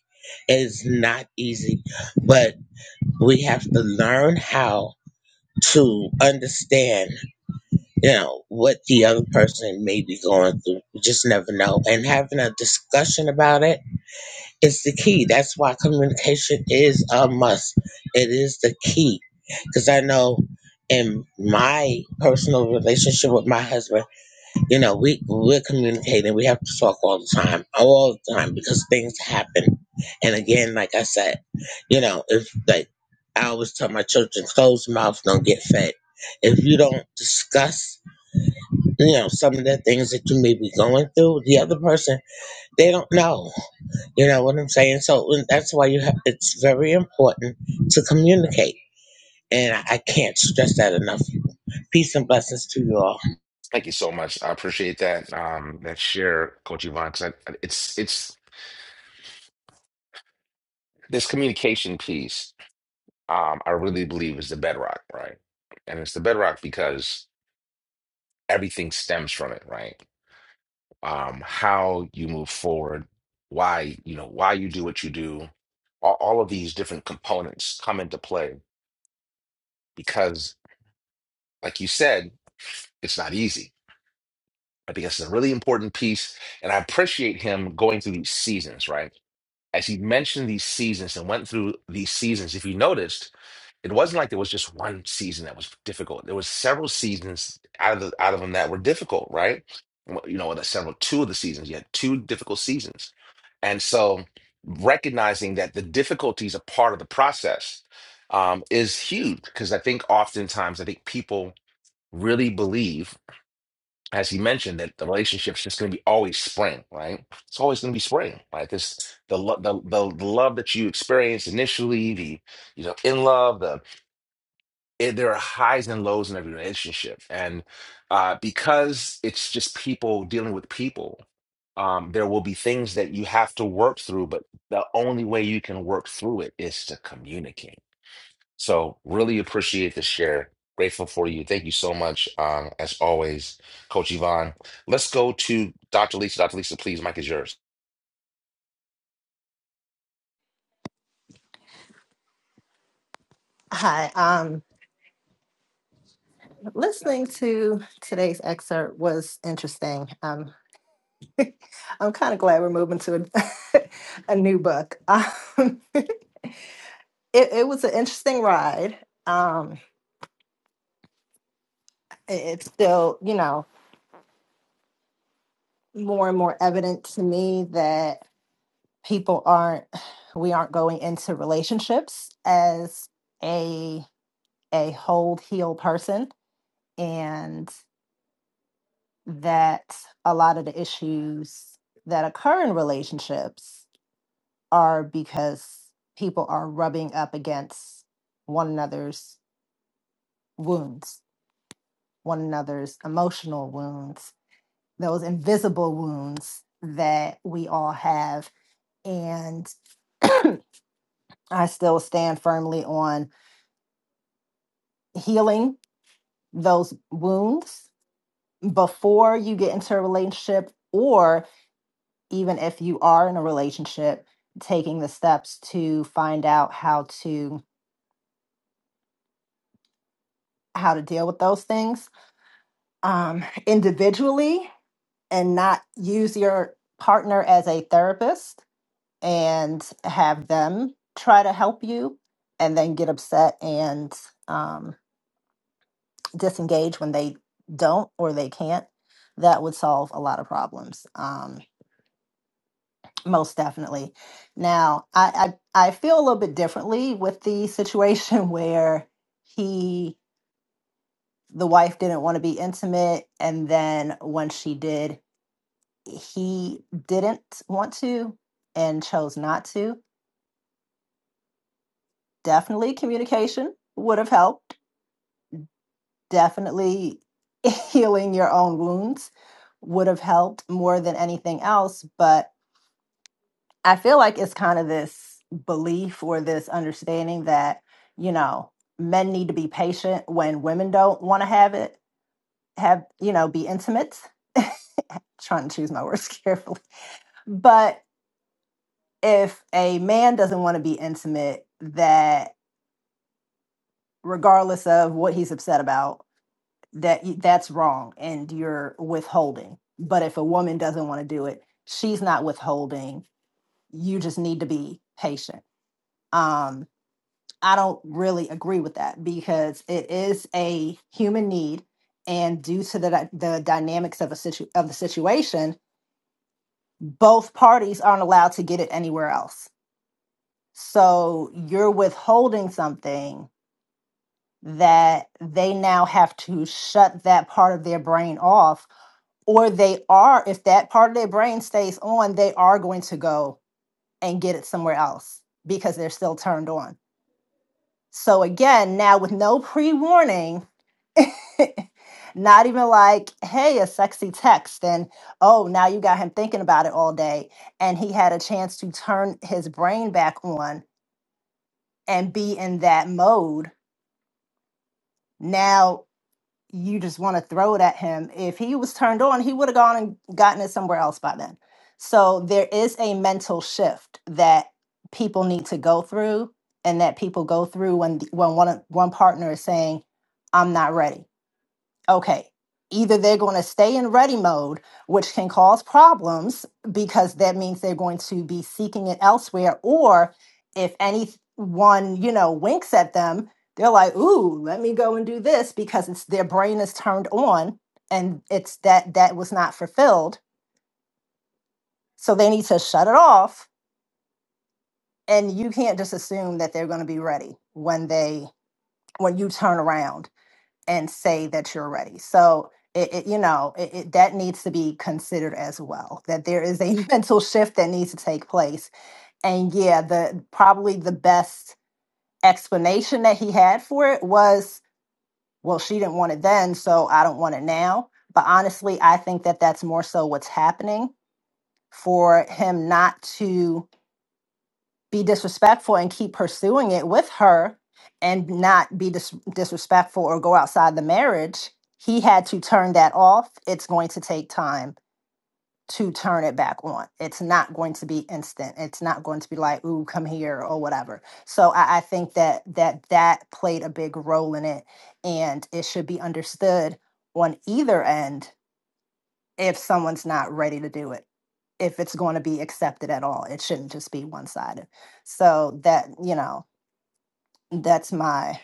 [SPEAKER 7] it's not easy but we have to learn how to understand you know what the other person may be going through you just never know and having a discussion about it it's the key. That's why communication is a must. It is the key. Because I know in my personal relationship with my husband, you know, we, we're communicating. We have to talk all the time, all the time, because things happen. And again, like I said, you know, if like I always tell my children, closed mouths don't get fed. If you don't discuss, you know, some of the things that you may be going through, the other person, they don't know. You know what I'm saying? So and that's why you have, it's very important to communicate. And I I can't stress that enough. Peace and blessings to you all.
[SPEAKER 1] Thank you so much. I appreciate that um, that share, Coach Yvonne, because it's it's this communication piece. Um, I really believe is the bedrock, right? And it's the bedrock because everything stems from it, right? Um, how you move forward, why, you know, why you do what you do, all, all of these different components come into play because, like you said, it's not easy. I think that's a really important piece. And I appreciate him going through these seasons, right? As he mentioned these seasons and went through these seasons, if you noticed, It wasn't like there was just one season that was difficult. There was several seasons out of the, out of them that were difficult, right? Well, You know, the several two of the seasons, you had two difficult seasons, and so recognizing that the difficulties are part of the process um, is huge because I think oftentimes I think people really believe as he mentioned, that the relationship's just going to be always spring, right? It's always going to be spring, right? This the, lo- the the the love that you experience initially, the you know in love, the it, there are highs and lows in every relationship. And uh, because it's just people dealing with people, um, there will be things that you have to work through, but the only way you can work through it is to communicate. So, really appreciate the share. Grateful for you. Thank you so much, um, as always, Coach Yvonne. Let's go to Dr. Lisa. Dr. Lisa, please, Mike is yours.
[SPEAKER 8] Hi. Um, listening to today's excerpt was interesting. Um, I'm kind of glad we're moving to a, a new book. Um, it, it was an interesting ride. Um, it- it's still, you know, more and more evident to me that people aren't, we aren't going into relationships as a a whole healed person, and that a lot of the issues that occur in relationships are because people are rubbing up against one another's wounds, one another's emotional wounds, those invisible wounds that we all have. And I still stand firmly on healing those wounds before you get into a relationship, or even if you are in a relationship, taking the steps to find out how to how to deal with those things um, individually and not use your partner as a therapist and have them try to help you and then get upset and um, disengage when they don't or they can't, that would solve a lot of problems. Um, most definitely. Now, I, I I feel a little bit differently with the situation where he the wife didn't want to be intimate, and then when she did, he didn't want to and chose not to. Definitely communication would have helped. Definitely healing your own wounds would have helped more than anything else. But I feel like it's kind of this belief or this understanding that, you know, men need to be patient when women don't want to have it, have, you know, be intimate. Trying to choose my words carefully. But if a man doesn't want to be intimate, that regardless of what he's upset about that that's wrong and you're withholding but if a woman doesn't want to do it she's not withholding you just need to be patient um i don't really agree with that because it is a human need and due to the the dynamics of a situ- of the situation both parties aren't allowed to get it anywhere else so you're withholding something that they now have to shut that part of their brain off or they are if that part of their brain stays on they are going to go and get it somewhere else because they're still turned on so again now with no pre-warning not even like hey a sexy text and oh now you got him thinking about it all day and he had a chance to turn his brain back on and be in that mode now you just want to throw it at him. If he was turned on, he would have gone and gotten it somewhere else by then. So there is a mental shift that people need to go through and that people go through when when one one partner is saying I'm not ready okay, either they're going to stay in ready mode, which can cause problems because that means they're going to be seeking it elsewhere, or if anyone, you know, winks at them, they're like, ooh, let me go and do this because it's their brain is turned on and it's that that was not fulfilled. So they need to shut it off. And you can't just assume that they're going to be ready when they when you turn around and say that you're ready. So it, it you know it, it, that needs to be considered as well. That there is a mental shift that needs to take place. And yeah, the probably the best explanation that he had for it was, well, she didn't want it then, so I don't want it now. But honestly, I think that that's more so what's happening for him not to be disrespectful and keep pursuing it with her and not be dis- disrespectful or go outside the marriage, he had to turn that off. It's going to take time to turn it back on. It's not going to be instant. It's not going to be like, ooh, come here or whatever. So I, I think that that that played a big role in it and it should be understood on either end if someone's not ready to do it if it's going to be accepted at all it shouldn't just be one-sided so that you know that's my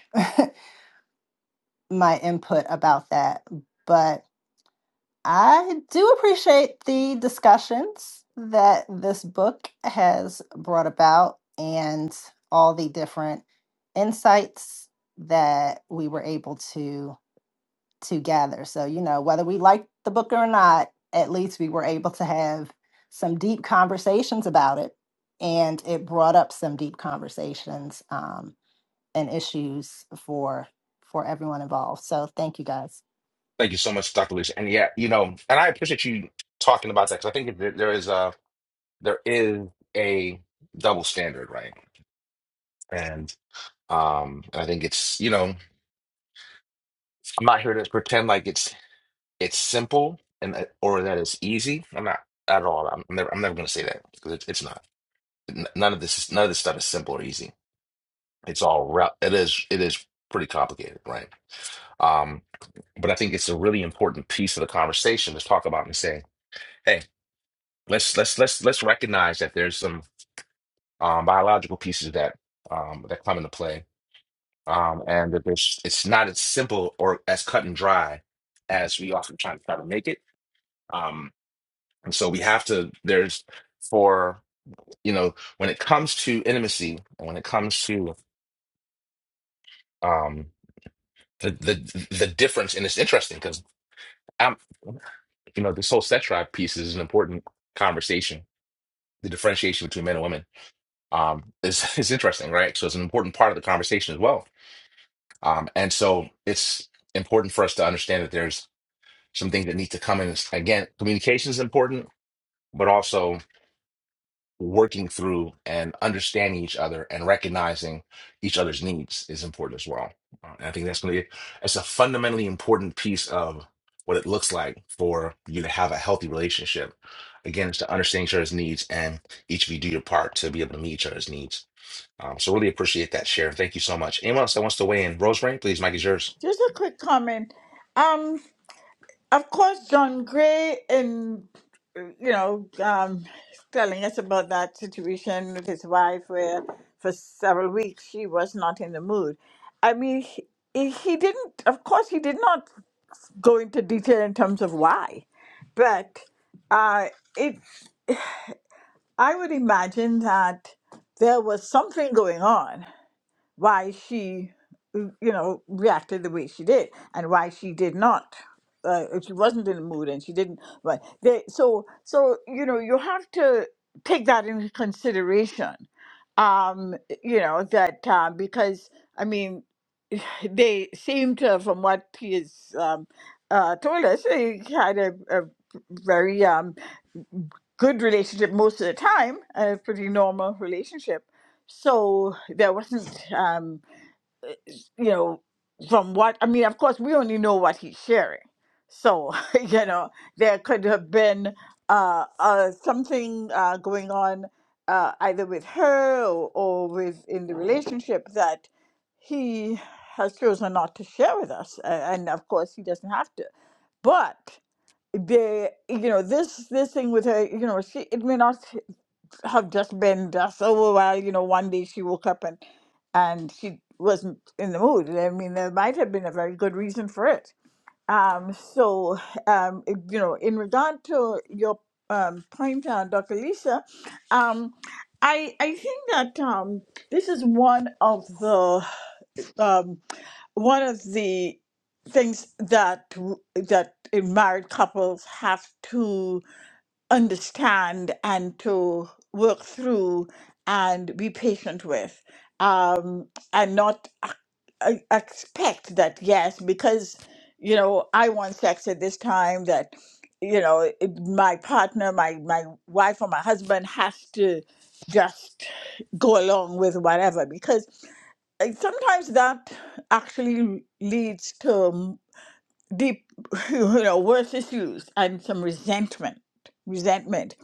[SPEAKER 8] my input about that but i do appreciate the discussions that this book has brought about and all the different insights that we were able to together. So, you know, whether we liked the book or not, at least we were able to have some deep conversations about it. And it brought up some deep conversations um, and issues for for everyone involved. So thank you guys.
[SPEAKER 1] Thank you so much, Dr. Lisa. And yeah, you know, and I appreciate you talking about that because I think that there there is. a there is a double standard, right? And um, I think it's you know I'm not here to pretend like it's it's simple and that- or that it's easy. I'm not at all. I'm never I'm never going to say that because it's it's not. N- None of this is, none of this stuff is simple or easy. It's all rel- it is it is pretty complicated, right? Um, but I think it's a really important piece of the conversation to talk about and say, hey, let's let's let's let's recognize that there's some um, biological pieces that um, that come into play um, and that there's it's not as simple or as cut and dry as we often try to try to make it. Um, and so we have to there's for you know when it comes to intimacy and when it comes to um, the the the difference and it's interesting because I'm you know this whole sex drive piece is an important conversation. The differentiation between men and women um, is is interesting, right? So it's an important part of the conversation as well. Um, and so it's important for us to understand that there's some things that need to come in. Again, communication is important, but also working through and understanding each other and recognizing each other's needs is important as well. Uh, and I think that's going to be it's a fundamentally important piece of what it looks like for you to have a healthy relationship. Again, it's to understand each other's needs and each of you do your part to be able to meet each other's needs. Um, so really appreciate that share. Thank you so much. Anyone else that wants to weigh in? Rosemary, please, Mike is yours.
[SPEAKER 5] Just a quick comment. Um. Of course, John Gray, and uh, you know, um, telling us about that situation with his wife, where for several weeks she was not in the mood. I mean, he, he didn't. Of course, he did not go into detail in terms of why, but uh, it. I would imagine that there was something going on why she, mm, you know, reacted the way she did and why she did not. Uh, if she wasn't in the mood and she didn't, right? They, so, so you know, you have to take that into consideration. Um, you know that uh, because I mean, they seem to, from what he has um, uh, told us, they had a, a very um, good relationship most of the time, a pretty normal relationship. So there wasn't. Um, you know, from what I mean, of course, we only know what he's sharing. So, you know, there could have been uh, uh, something uh, going on uh, either with her or, or with in the relationship that he has chosen not to share with us, A- and of course, he doesn't have to. But the you know this this thing with her, you know, she it may not have just been just over well you know one day she woke up and and she wasn't in the mood i mean there might have been a very good reason for it um so um it- you know in regard to your um point uh, dr lisa um i i think that um this is one of the um one of the things that w- that uh, married couples have to understand and to work through and be patient with um, and not ac- e- expect that yes because you know i want sex at this time that you know it, my partner my my wife or my husband has to just go along with whatever because uh, sometimes that actually leads to deep, you know, worse issues and some resentment, resentment,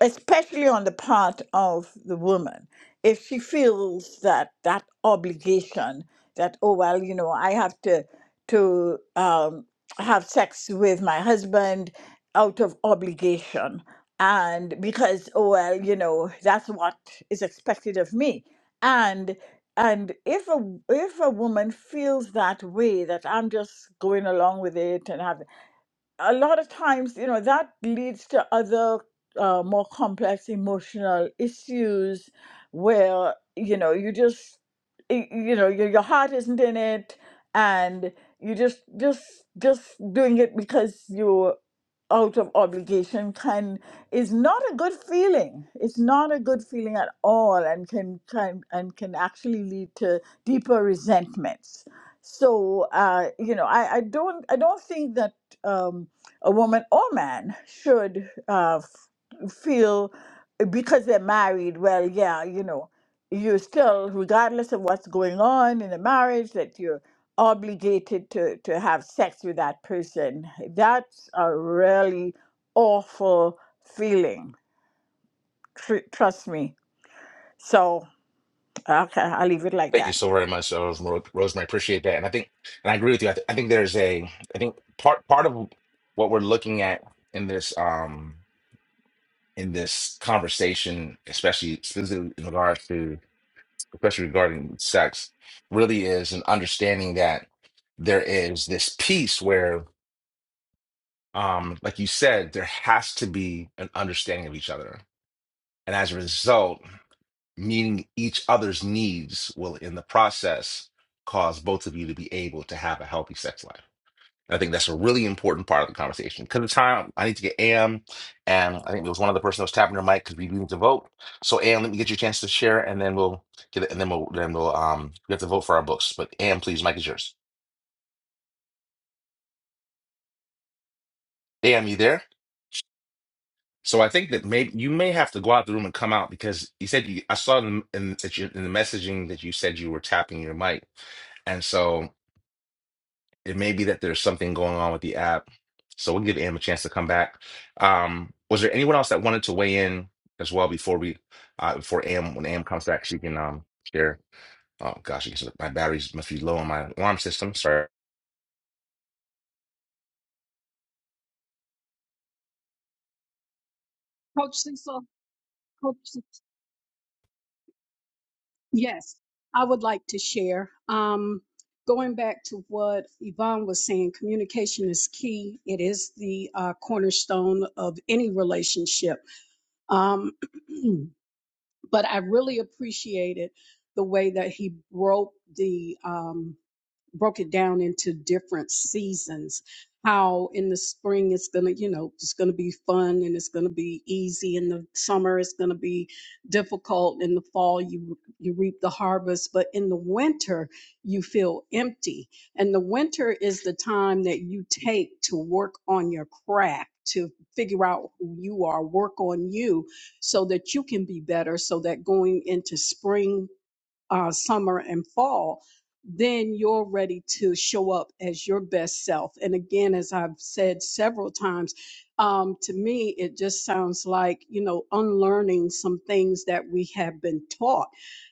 [SPEAKER 5] especially on the part of the woman. If she feels that that obligation, that, oh, well, you know, I have to, to um, have sex with my husband out of obligation and because, oh, well, you know, that's what is expected of me and and if a if a woman feels that way that i'm just going along with it and having a lot of times, you know, that leads to other uh, more complex emotional issues where, you know, you just, y- you know, your, your heart isn't in it and you just, just, just doing it because you're out of obligation can, is not a good feeling. It's not a good feeling at all and can, can, and can actually lead to deeper resentments. So, uh, you know, I, I don't, I don't think that, um, a woman or man should uh, f- feel because they're married, well, yeah, you know, you're still, regardless of what's going on in the marriage, that you're obligated to, to have sex with that person. That's a really awful feeling. Tr- trust me. So, okay, I'll leave it like
[SPEAKER 1] Thank you
[SPEAKER 5] that.
[SPEAKER 1] so very much, uh, Ro- Rosemary. Appreciate that. And I think, and I agree with you. I, th I think there's a, I think part part of what we're looking at in this um in this conversation, especially specifically in regards to, especially regarding sex, really is an understanding that there is this piece where, um, like you said, there has to be an understanding of each other, and as a result. meeting each other's needs will, in the process, cause both of you to be able to have a healthy sex life. And I think that's a really important part of the conversation. Because of time, I need to get Am, and I think there was one other person that was tapping their mic because we need to vote. So Am, let me get you a chance to share, and then we'll get it, and then we'll then we'll um we have to vote for our books. But Am, please, mic is yours. Am, you there? So I think that maybe you may have to go out the room and come out because you said you, I saw in, in, that you- in the messaging that you said you were tapping your mic. And so It may be that there's something going on with the app. So we'll give Am a chance to come back. Um, was there anyone else that wanted to weigh in as well before we uh before Am when Am comes back, she can um share. Oh gosh, I guess my batteries must be low on my alarm system. Sorry.
[SPEAKER 6] Coach Cecil, Coach, Cecil, yes, I would like to share. Um, going back to what Yvonne was saying, communication is key. It is the uh, cornerstone of any relationship. Um, but I really appreciated the way that he broke the um, broke it down into different seasons how in the spring it's going to you know it's going to be fun and it's going to be easy in the summer it's going to be difficult in the fall you you reap the harvest but in the winter you feel empty and the winter is the time that you take to work on your craft to figure out who you are work on you so that you can be better so that going into spring uh, summer and fall, then you're ready to show up as your best self. And again, as I've said several times, um, to me, it just sounds like, you know, unlearning some things that we have been taught.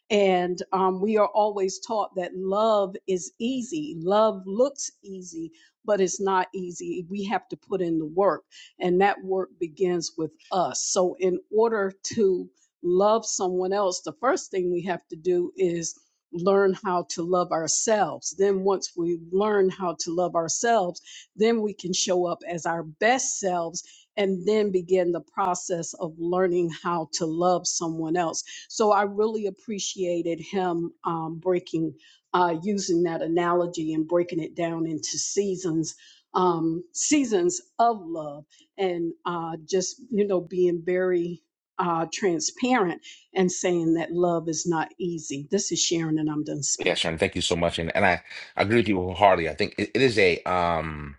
[SPEAKER 6] And um, we are always taught that love is easy, love looks easy, but it's not easy. We have to put in the work, and that work begins with us. So, in order to love someone else, the first thing we have to do is learn how to love ourselves. Then, once we learn how to love ourselves, then we can show up as our best selves and then begin the process of learning how to love someone else. So, I really appreciated him um, breaking, uh, using that analogy and breaking it down into seasons. Um, seasons of love and uh, just you know being very uh, transparent and saying that love is not easy. This is Sharon, and I'm done
[SPEAKER 1] Yeah,
[SPEAKER 6] speaking.
[SPEAKER 1] Sharon, thank you so much. And and I, I agree with you wholeheartedly. I think it, it is a um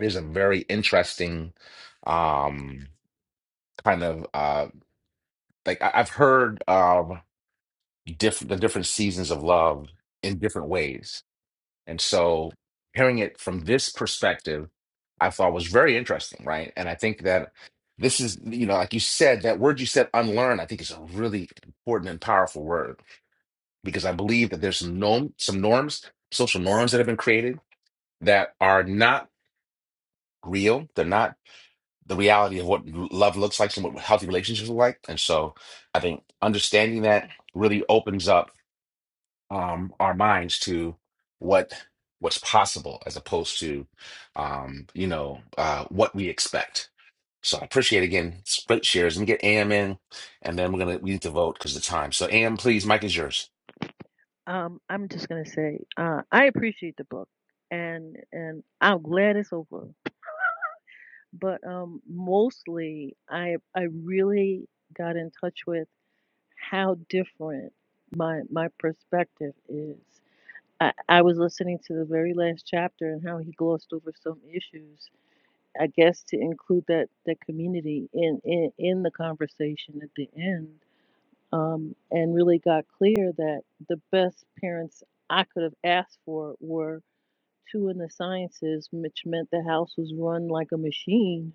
[SPEAKER 1] it is a very interesting um kind of uh like I, I've heard um diff the different seasons of love in different ways And so hearing it from this perspective, I thought was very interesting, right? And I think that this is, you know, like you said, that word you said, unlearn, I think is a really important and powerful word because I believe that there's some norm, some norms, social norms that have been created that are not real. They're not the reality of what love looks like and what healthy relationships look like. And so I think understanding that really opens up um, our minds to what what's possible as opposed to um, you know uh, what we expect. So I appreciate again split shares and get AM in, and then we're gonna we need to vote because of the time. So AM, please, Mike is yours.
[SPEAKER 9] Um, I'm just gonna say, uh, I appreciate the book, and and I'm glad it's over. But um, mostly, I I really got in touch with how different my my perspective is. I, I was listening to the very last chapter and how he glossed over some issues. I guess to include that that community in in in the conversation at the end um, and really got clear that the best parents I could have asked for were two in the sciences, which meant the house was run like a machine.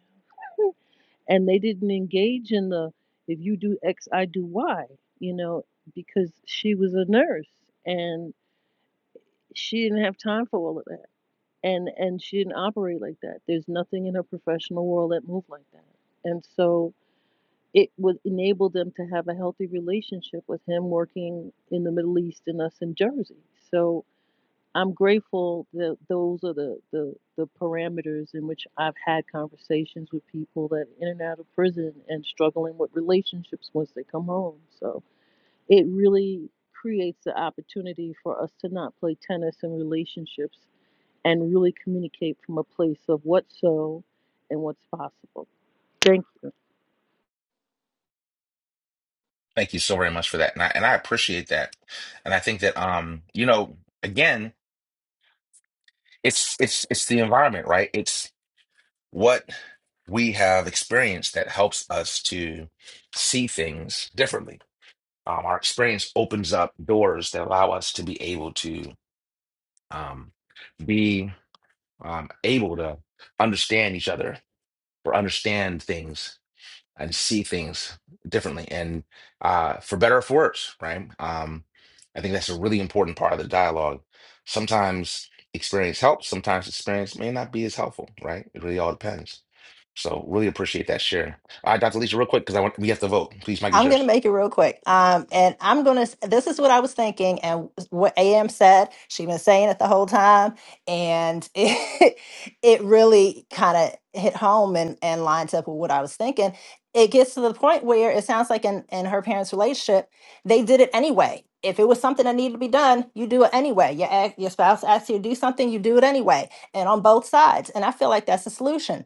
[SPEAKER 9] And they didn't engage in the if you do X, I do Y, you know, because she was a nurse and she didn't have time for all of that. And and she didn't operate like that. There's nothing in her professional world that moved like that. And so it would enable them to have a healthy relationship with him working in the Middle East and us in Jersey. So I'm grateful that those are the, the, the parameters in which I've had conversations with people that are in and out of prison and struggling with relationships once they come home. So it really creates the opportunity for us to not play tennis in relationships and really communicate from a place of what's so and what's possible. Thank you.
[SPEAKER 1] Thank you so very much for that, and I and I appreciate that, and I think that um you know again it's it's it's the environment right it's what we have experienced that helps us to see things differently um, our experience opens up doors that allow us to be able to um, be um, able to understand each other or understand things and see things differently and uh, for better or for worse right um, i think that's a really important part of the dialogue sometimes experience helps sometimes experience may not be as helpful right it really all depends so really appreciate that share all right dr lisa real quick because i want we have to vote please mike is
[SPEAKER 8] I'm going
[SPEAKER 1] yours
[SPEAKER 8] to make it real quick. Um, and I'm going to, this is what I was thinking and what AM said. She's been saying it the whole time. And it, it really kind of hit home and, and lines up with what I was thinking. It gets to the point where it sounds like in, in her parents' relationship, they did it anyway. If it was something that needed to be done, you do it anyway. Your, ex- your spouse asks you to do something, you do it anyway. And on both sides. And I feel like that's the solution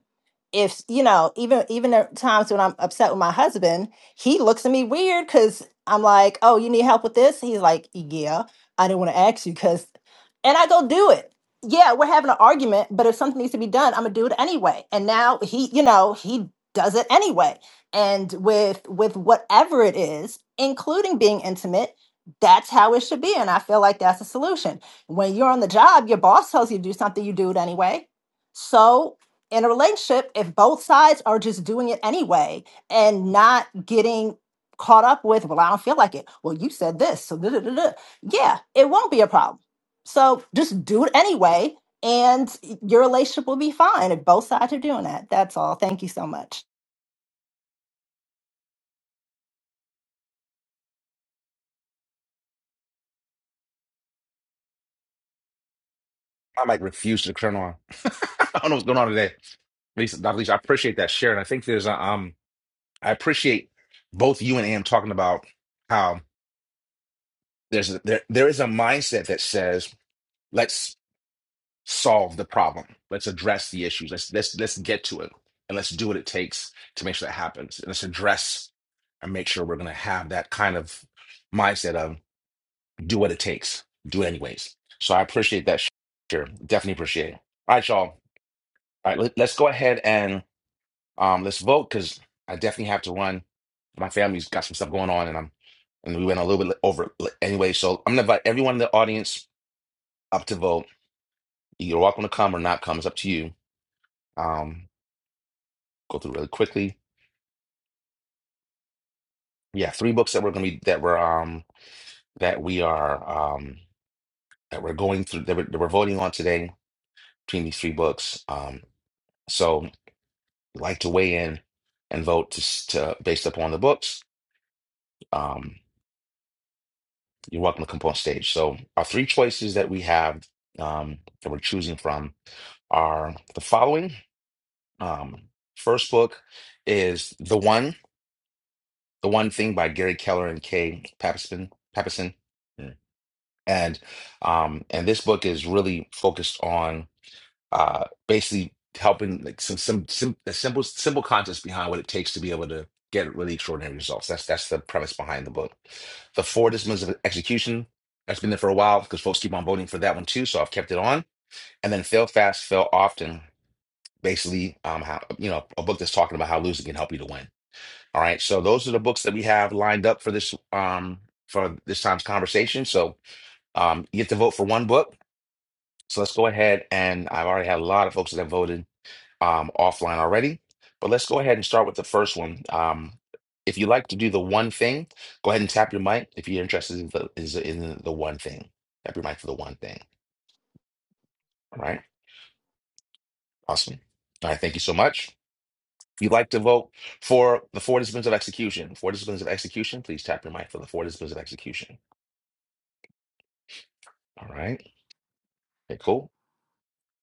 [SPEAKER 8] if you know even even at times when i'm upset with my husband he looks at me weird because I'm like, oh, you need help with this? He's like, yeah, I didn't want to ask you because, and I go do it. Yeah, we're having an argument, but if something needs to be done, I'm gonna do it anyway. And now he, you know, he does it anyway. And with with whatever it is, including being intimate, that's how it should be. And I feel like that's a solution. When you're on the job, your boss tells you to do something, you do it anyway. So in a relationship, if both sides are just doing it anyway, and not getting caught up with, well, I don't feel like it. Well, you said this. So, da, da, da, da. yeah, it won't be a problem. So just do it anyway, and your relationship will be fine if both sides are doing that. That's all. Thank you so much.
[SPEAKER 1] I might refuse to turn on. I don't know what's going on today. At least, not least, I appreciate that share, and I think there's a, um, I appreciate both you and Am talking about how there's a, there there is a mindset that says let's solve the problem, let's address the issues, let's let's let's get to it, and let's do what it takes to make sure that happens, and let's address and make sure we're going to have that kind of mindset of do what it takes, do it anyways. So I appreciate that share, definitely appreciate it. All right, y'all. All right, let- let's go ahead and um, let's vote because I definitely have to run. My family's got some stuff going on, and I'm and we went a little bit over anyway. So I'm gonna invite everyone in the audience up to vote. You're welcome to come or not come. It's up to you. Um, go through really quickly. Yeah, three books that we're gonna be that we're um that we are um that we're going through that we're, that we're voting on today between these three books. Um, so like to weigh in and vote to, s- to based upon the books. Um, You're welcome to come up on stage. So our three choices that we have um, that we're choosing from are the following. Um, first book is The One, The One Thing by Gary Keller and Kay Pappison. Pappison. And um, and this book is really focused on uh, basically helping like some some sim, the simple simple concepts behind what it takes to be able to get really extraordinary results. That's that's the premise behind the book. The four disciplines of execution that's been there for a while because folks keep on voting for that one too, so I've kept it on. And then fail fast, fail often. Basically, um, how you know a book that's talking about how losing can help you to win. All right, so those are the books that we have lined up for this um for this time's conversation. So um, you get to vote for one book. So let's go ahead and I've already had a lot of folks that have voted um, offline already. But let's go ahead and start with the first one. Um, if you like to do the one thing, go ahead and tap your mic. If you're interested in the, is in the one thing, tap your mic for the one thing. All right, awesome. All right, thank you so much. If you'd like to vote for the four disciplines of execution, four disciplines of execution, please tap your mic for the four disciplines of execution. All right, okay, cool.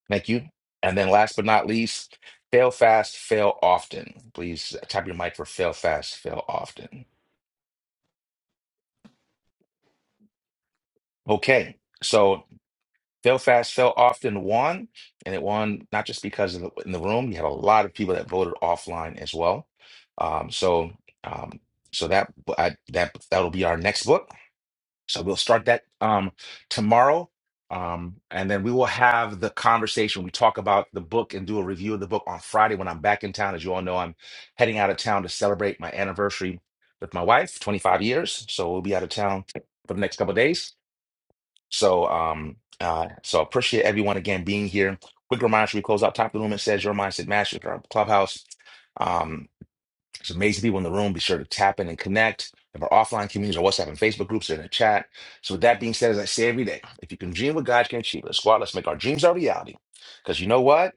[SPEAKER 1] Thank you. And then last but not least, fail fast, fail often. Please tap your mic for fail fast, fail often. Okay. So Fail Fast Fail often won, and it won not just because of the, in the room, you had a lot of people that voted offline as well. Um, so, um, so that I, that that'll be our next book. So we'll start that um, tomorrow, um, and then we will have the conversation. We talk about the book and do a review of the book on Friday when I'm back in town. As you all know, I'm heading out of town to celebrate my anniversary with my wife, 25 years. So we'll be out of town for the next couple of days. So, um, uh, so appreciate everyone again being here. Quick reminder: should we close out top of the room? It says your mindset mastery for our clubhouse. Um, it's amazing people in the room. Be sure to tap in and connect. We have our offline communities, our WhatsApp and Facebook groups are in the chat. So, with that being said, as I say every day, if you can dream what God can achieve, let's squad. Let's make our dreams our reality. Because you know what?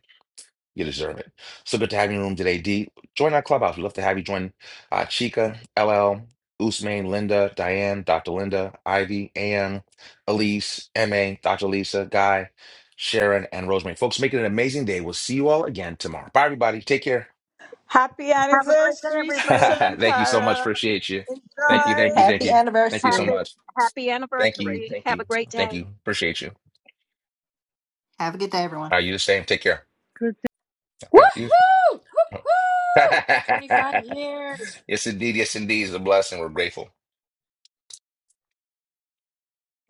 [SPEAKER 1] You deserve it. So good to have you in the room today, D. Join our clubhouse. We'd love to have you join uh, Chica, LL, Usman, Linda, Diane, Dr. Linda, Ivy, AM, Elise, MA, Dr. Lisa, Guy, Sharon, and Rosemary. Folks, make it an amazing day. We'll see you all again tomorrow. Bye, everybody. Take care.
[SPEAKER 5] Happy
[SPEAKER 6] Have a great day,
[SPEAKER 5] anniversary, Cecil
[SPEAKER 6] everybody.
[SPEAKER 5] and
[SPEAKER 1] thank you so much.
[SPEAKER 5] Tara.
[SPEAKER 1] Appreciate you. Thank you.
[SPEAKER 5] Enjoy.
[SPEAKER 1] Thank you. Thank
[SPEAKER 8] Happy
[SPEAKER 1] you. Thank you so
[SPEAKER 8] anniversary.
[SPEAKER 6] Happy
[SPEAKER 1] much.
[SPEAKER 6] happy
[SPEAKER 1] Thank you.
[SPEAKER 6] anniversary.
[SPEAKER 1] Thank
[SPEAKER 6] Have
[SPEAKER 1] you.
[SPEAKER 6] a great day.
[SPEAKER 1] Thank you. Appreciate you.
[SPEAKER 8] Have a good day, everyone.
[SPEAKER 1] Are you the same? Take care.
[SPEAKER 9] Good.
[SPEAKER 1] All right. You. Yes, indeed. Yes, indeed. It's a blessing. We're grateful.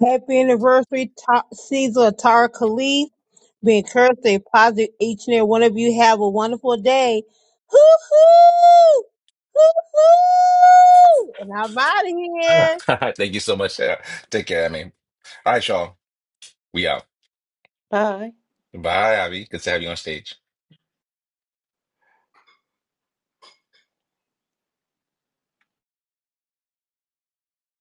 [SPEAKER 2] Happy anniversary, Ta- Caesar Tara Khalid. Be encouraged, stay positive. Each and every one of you have a wonderful day. Hoo hoo! Hoo hoo! And I'm out of here.
[SPEAKER 1] Thank you so much. Sarah. Take care, I mean. All right, y'all. We out.
[SPEAKER 10] Bye.
[SPEAKER 1] Bye, Abby. Good to have you on stage.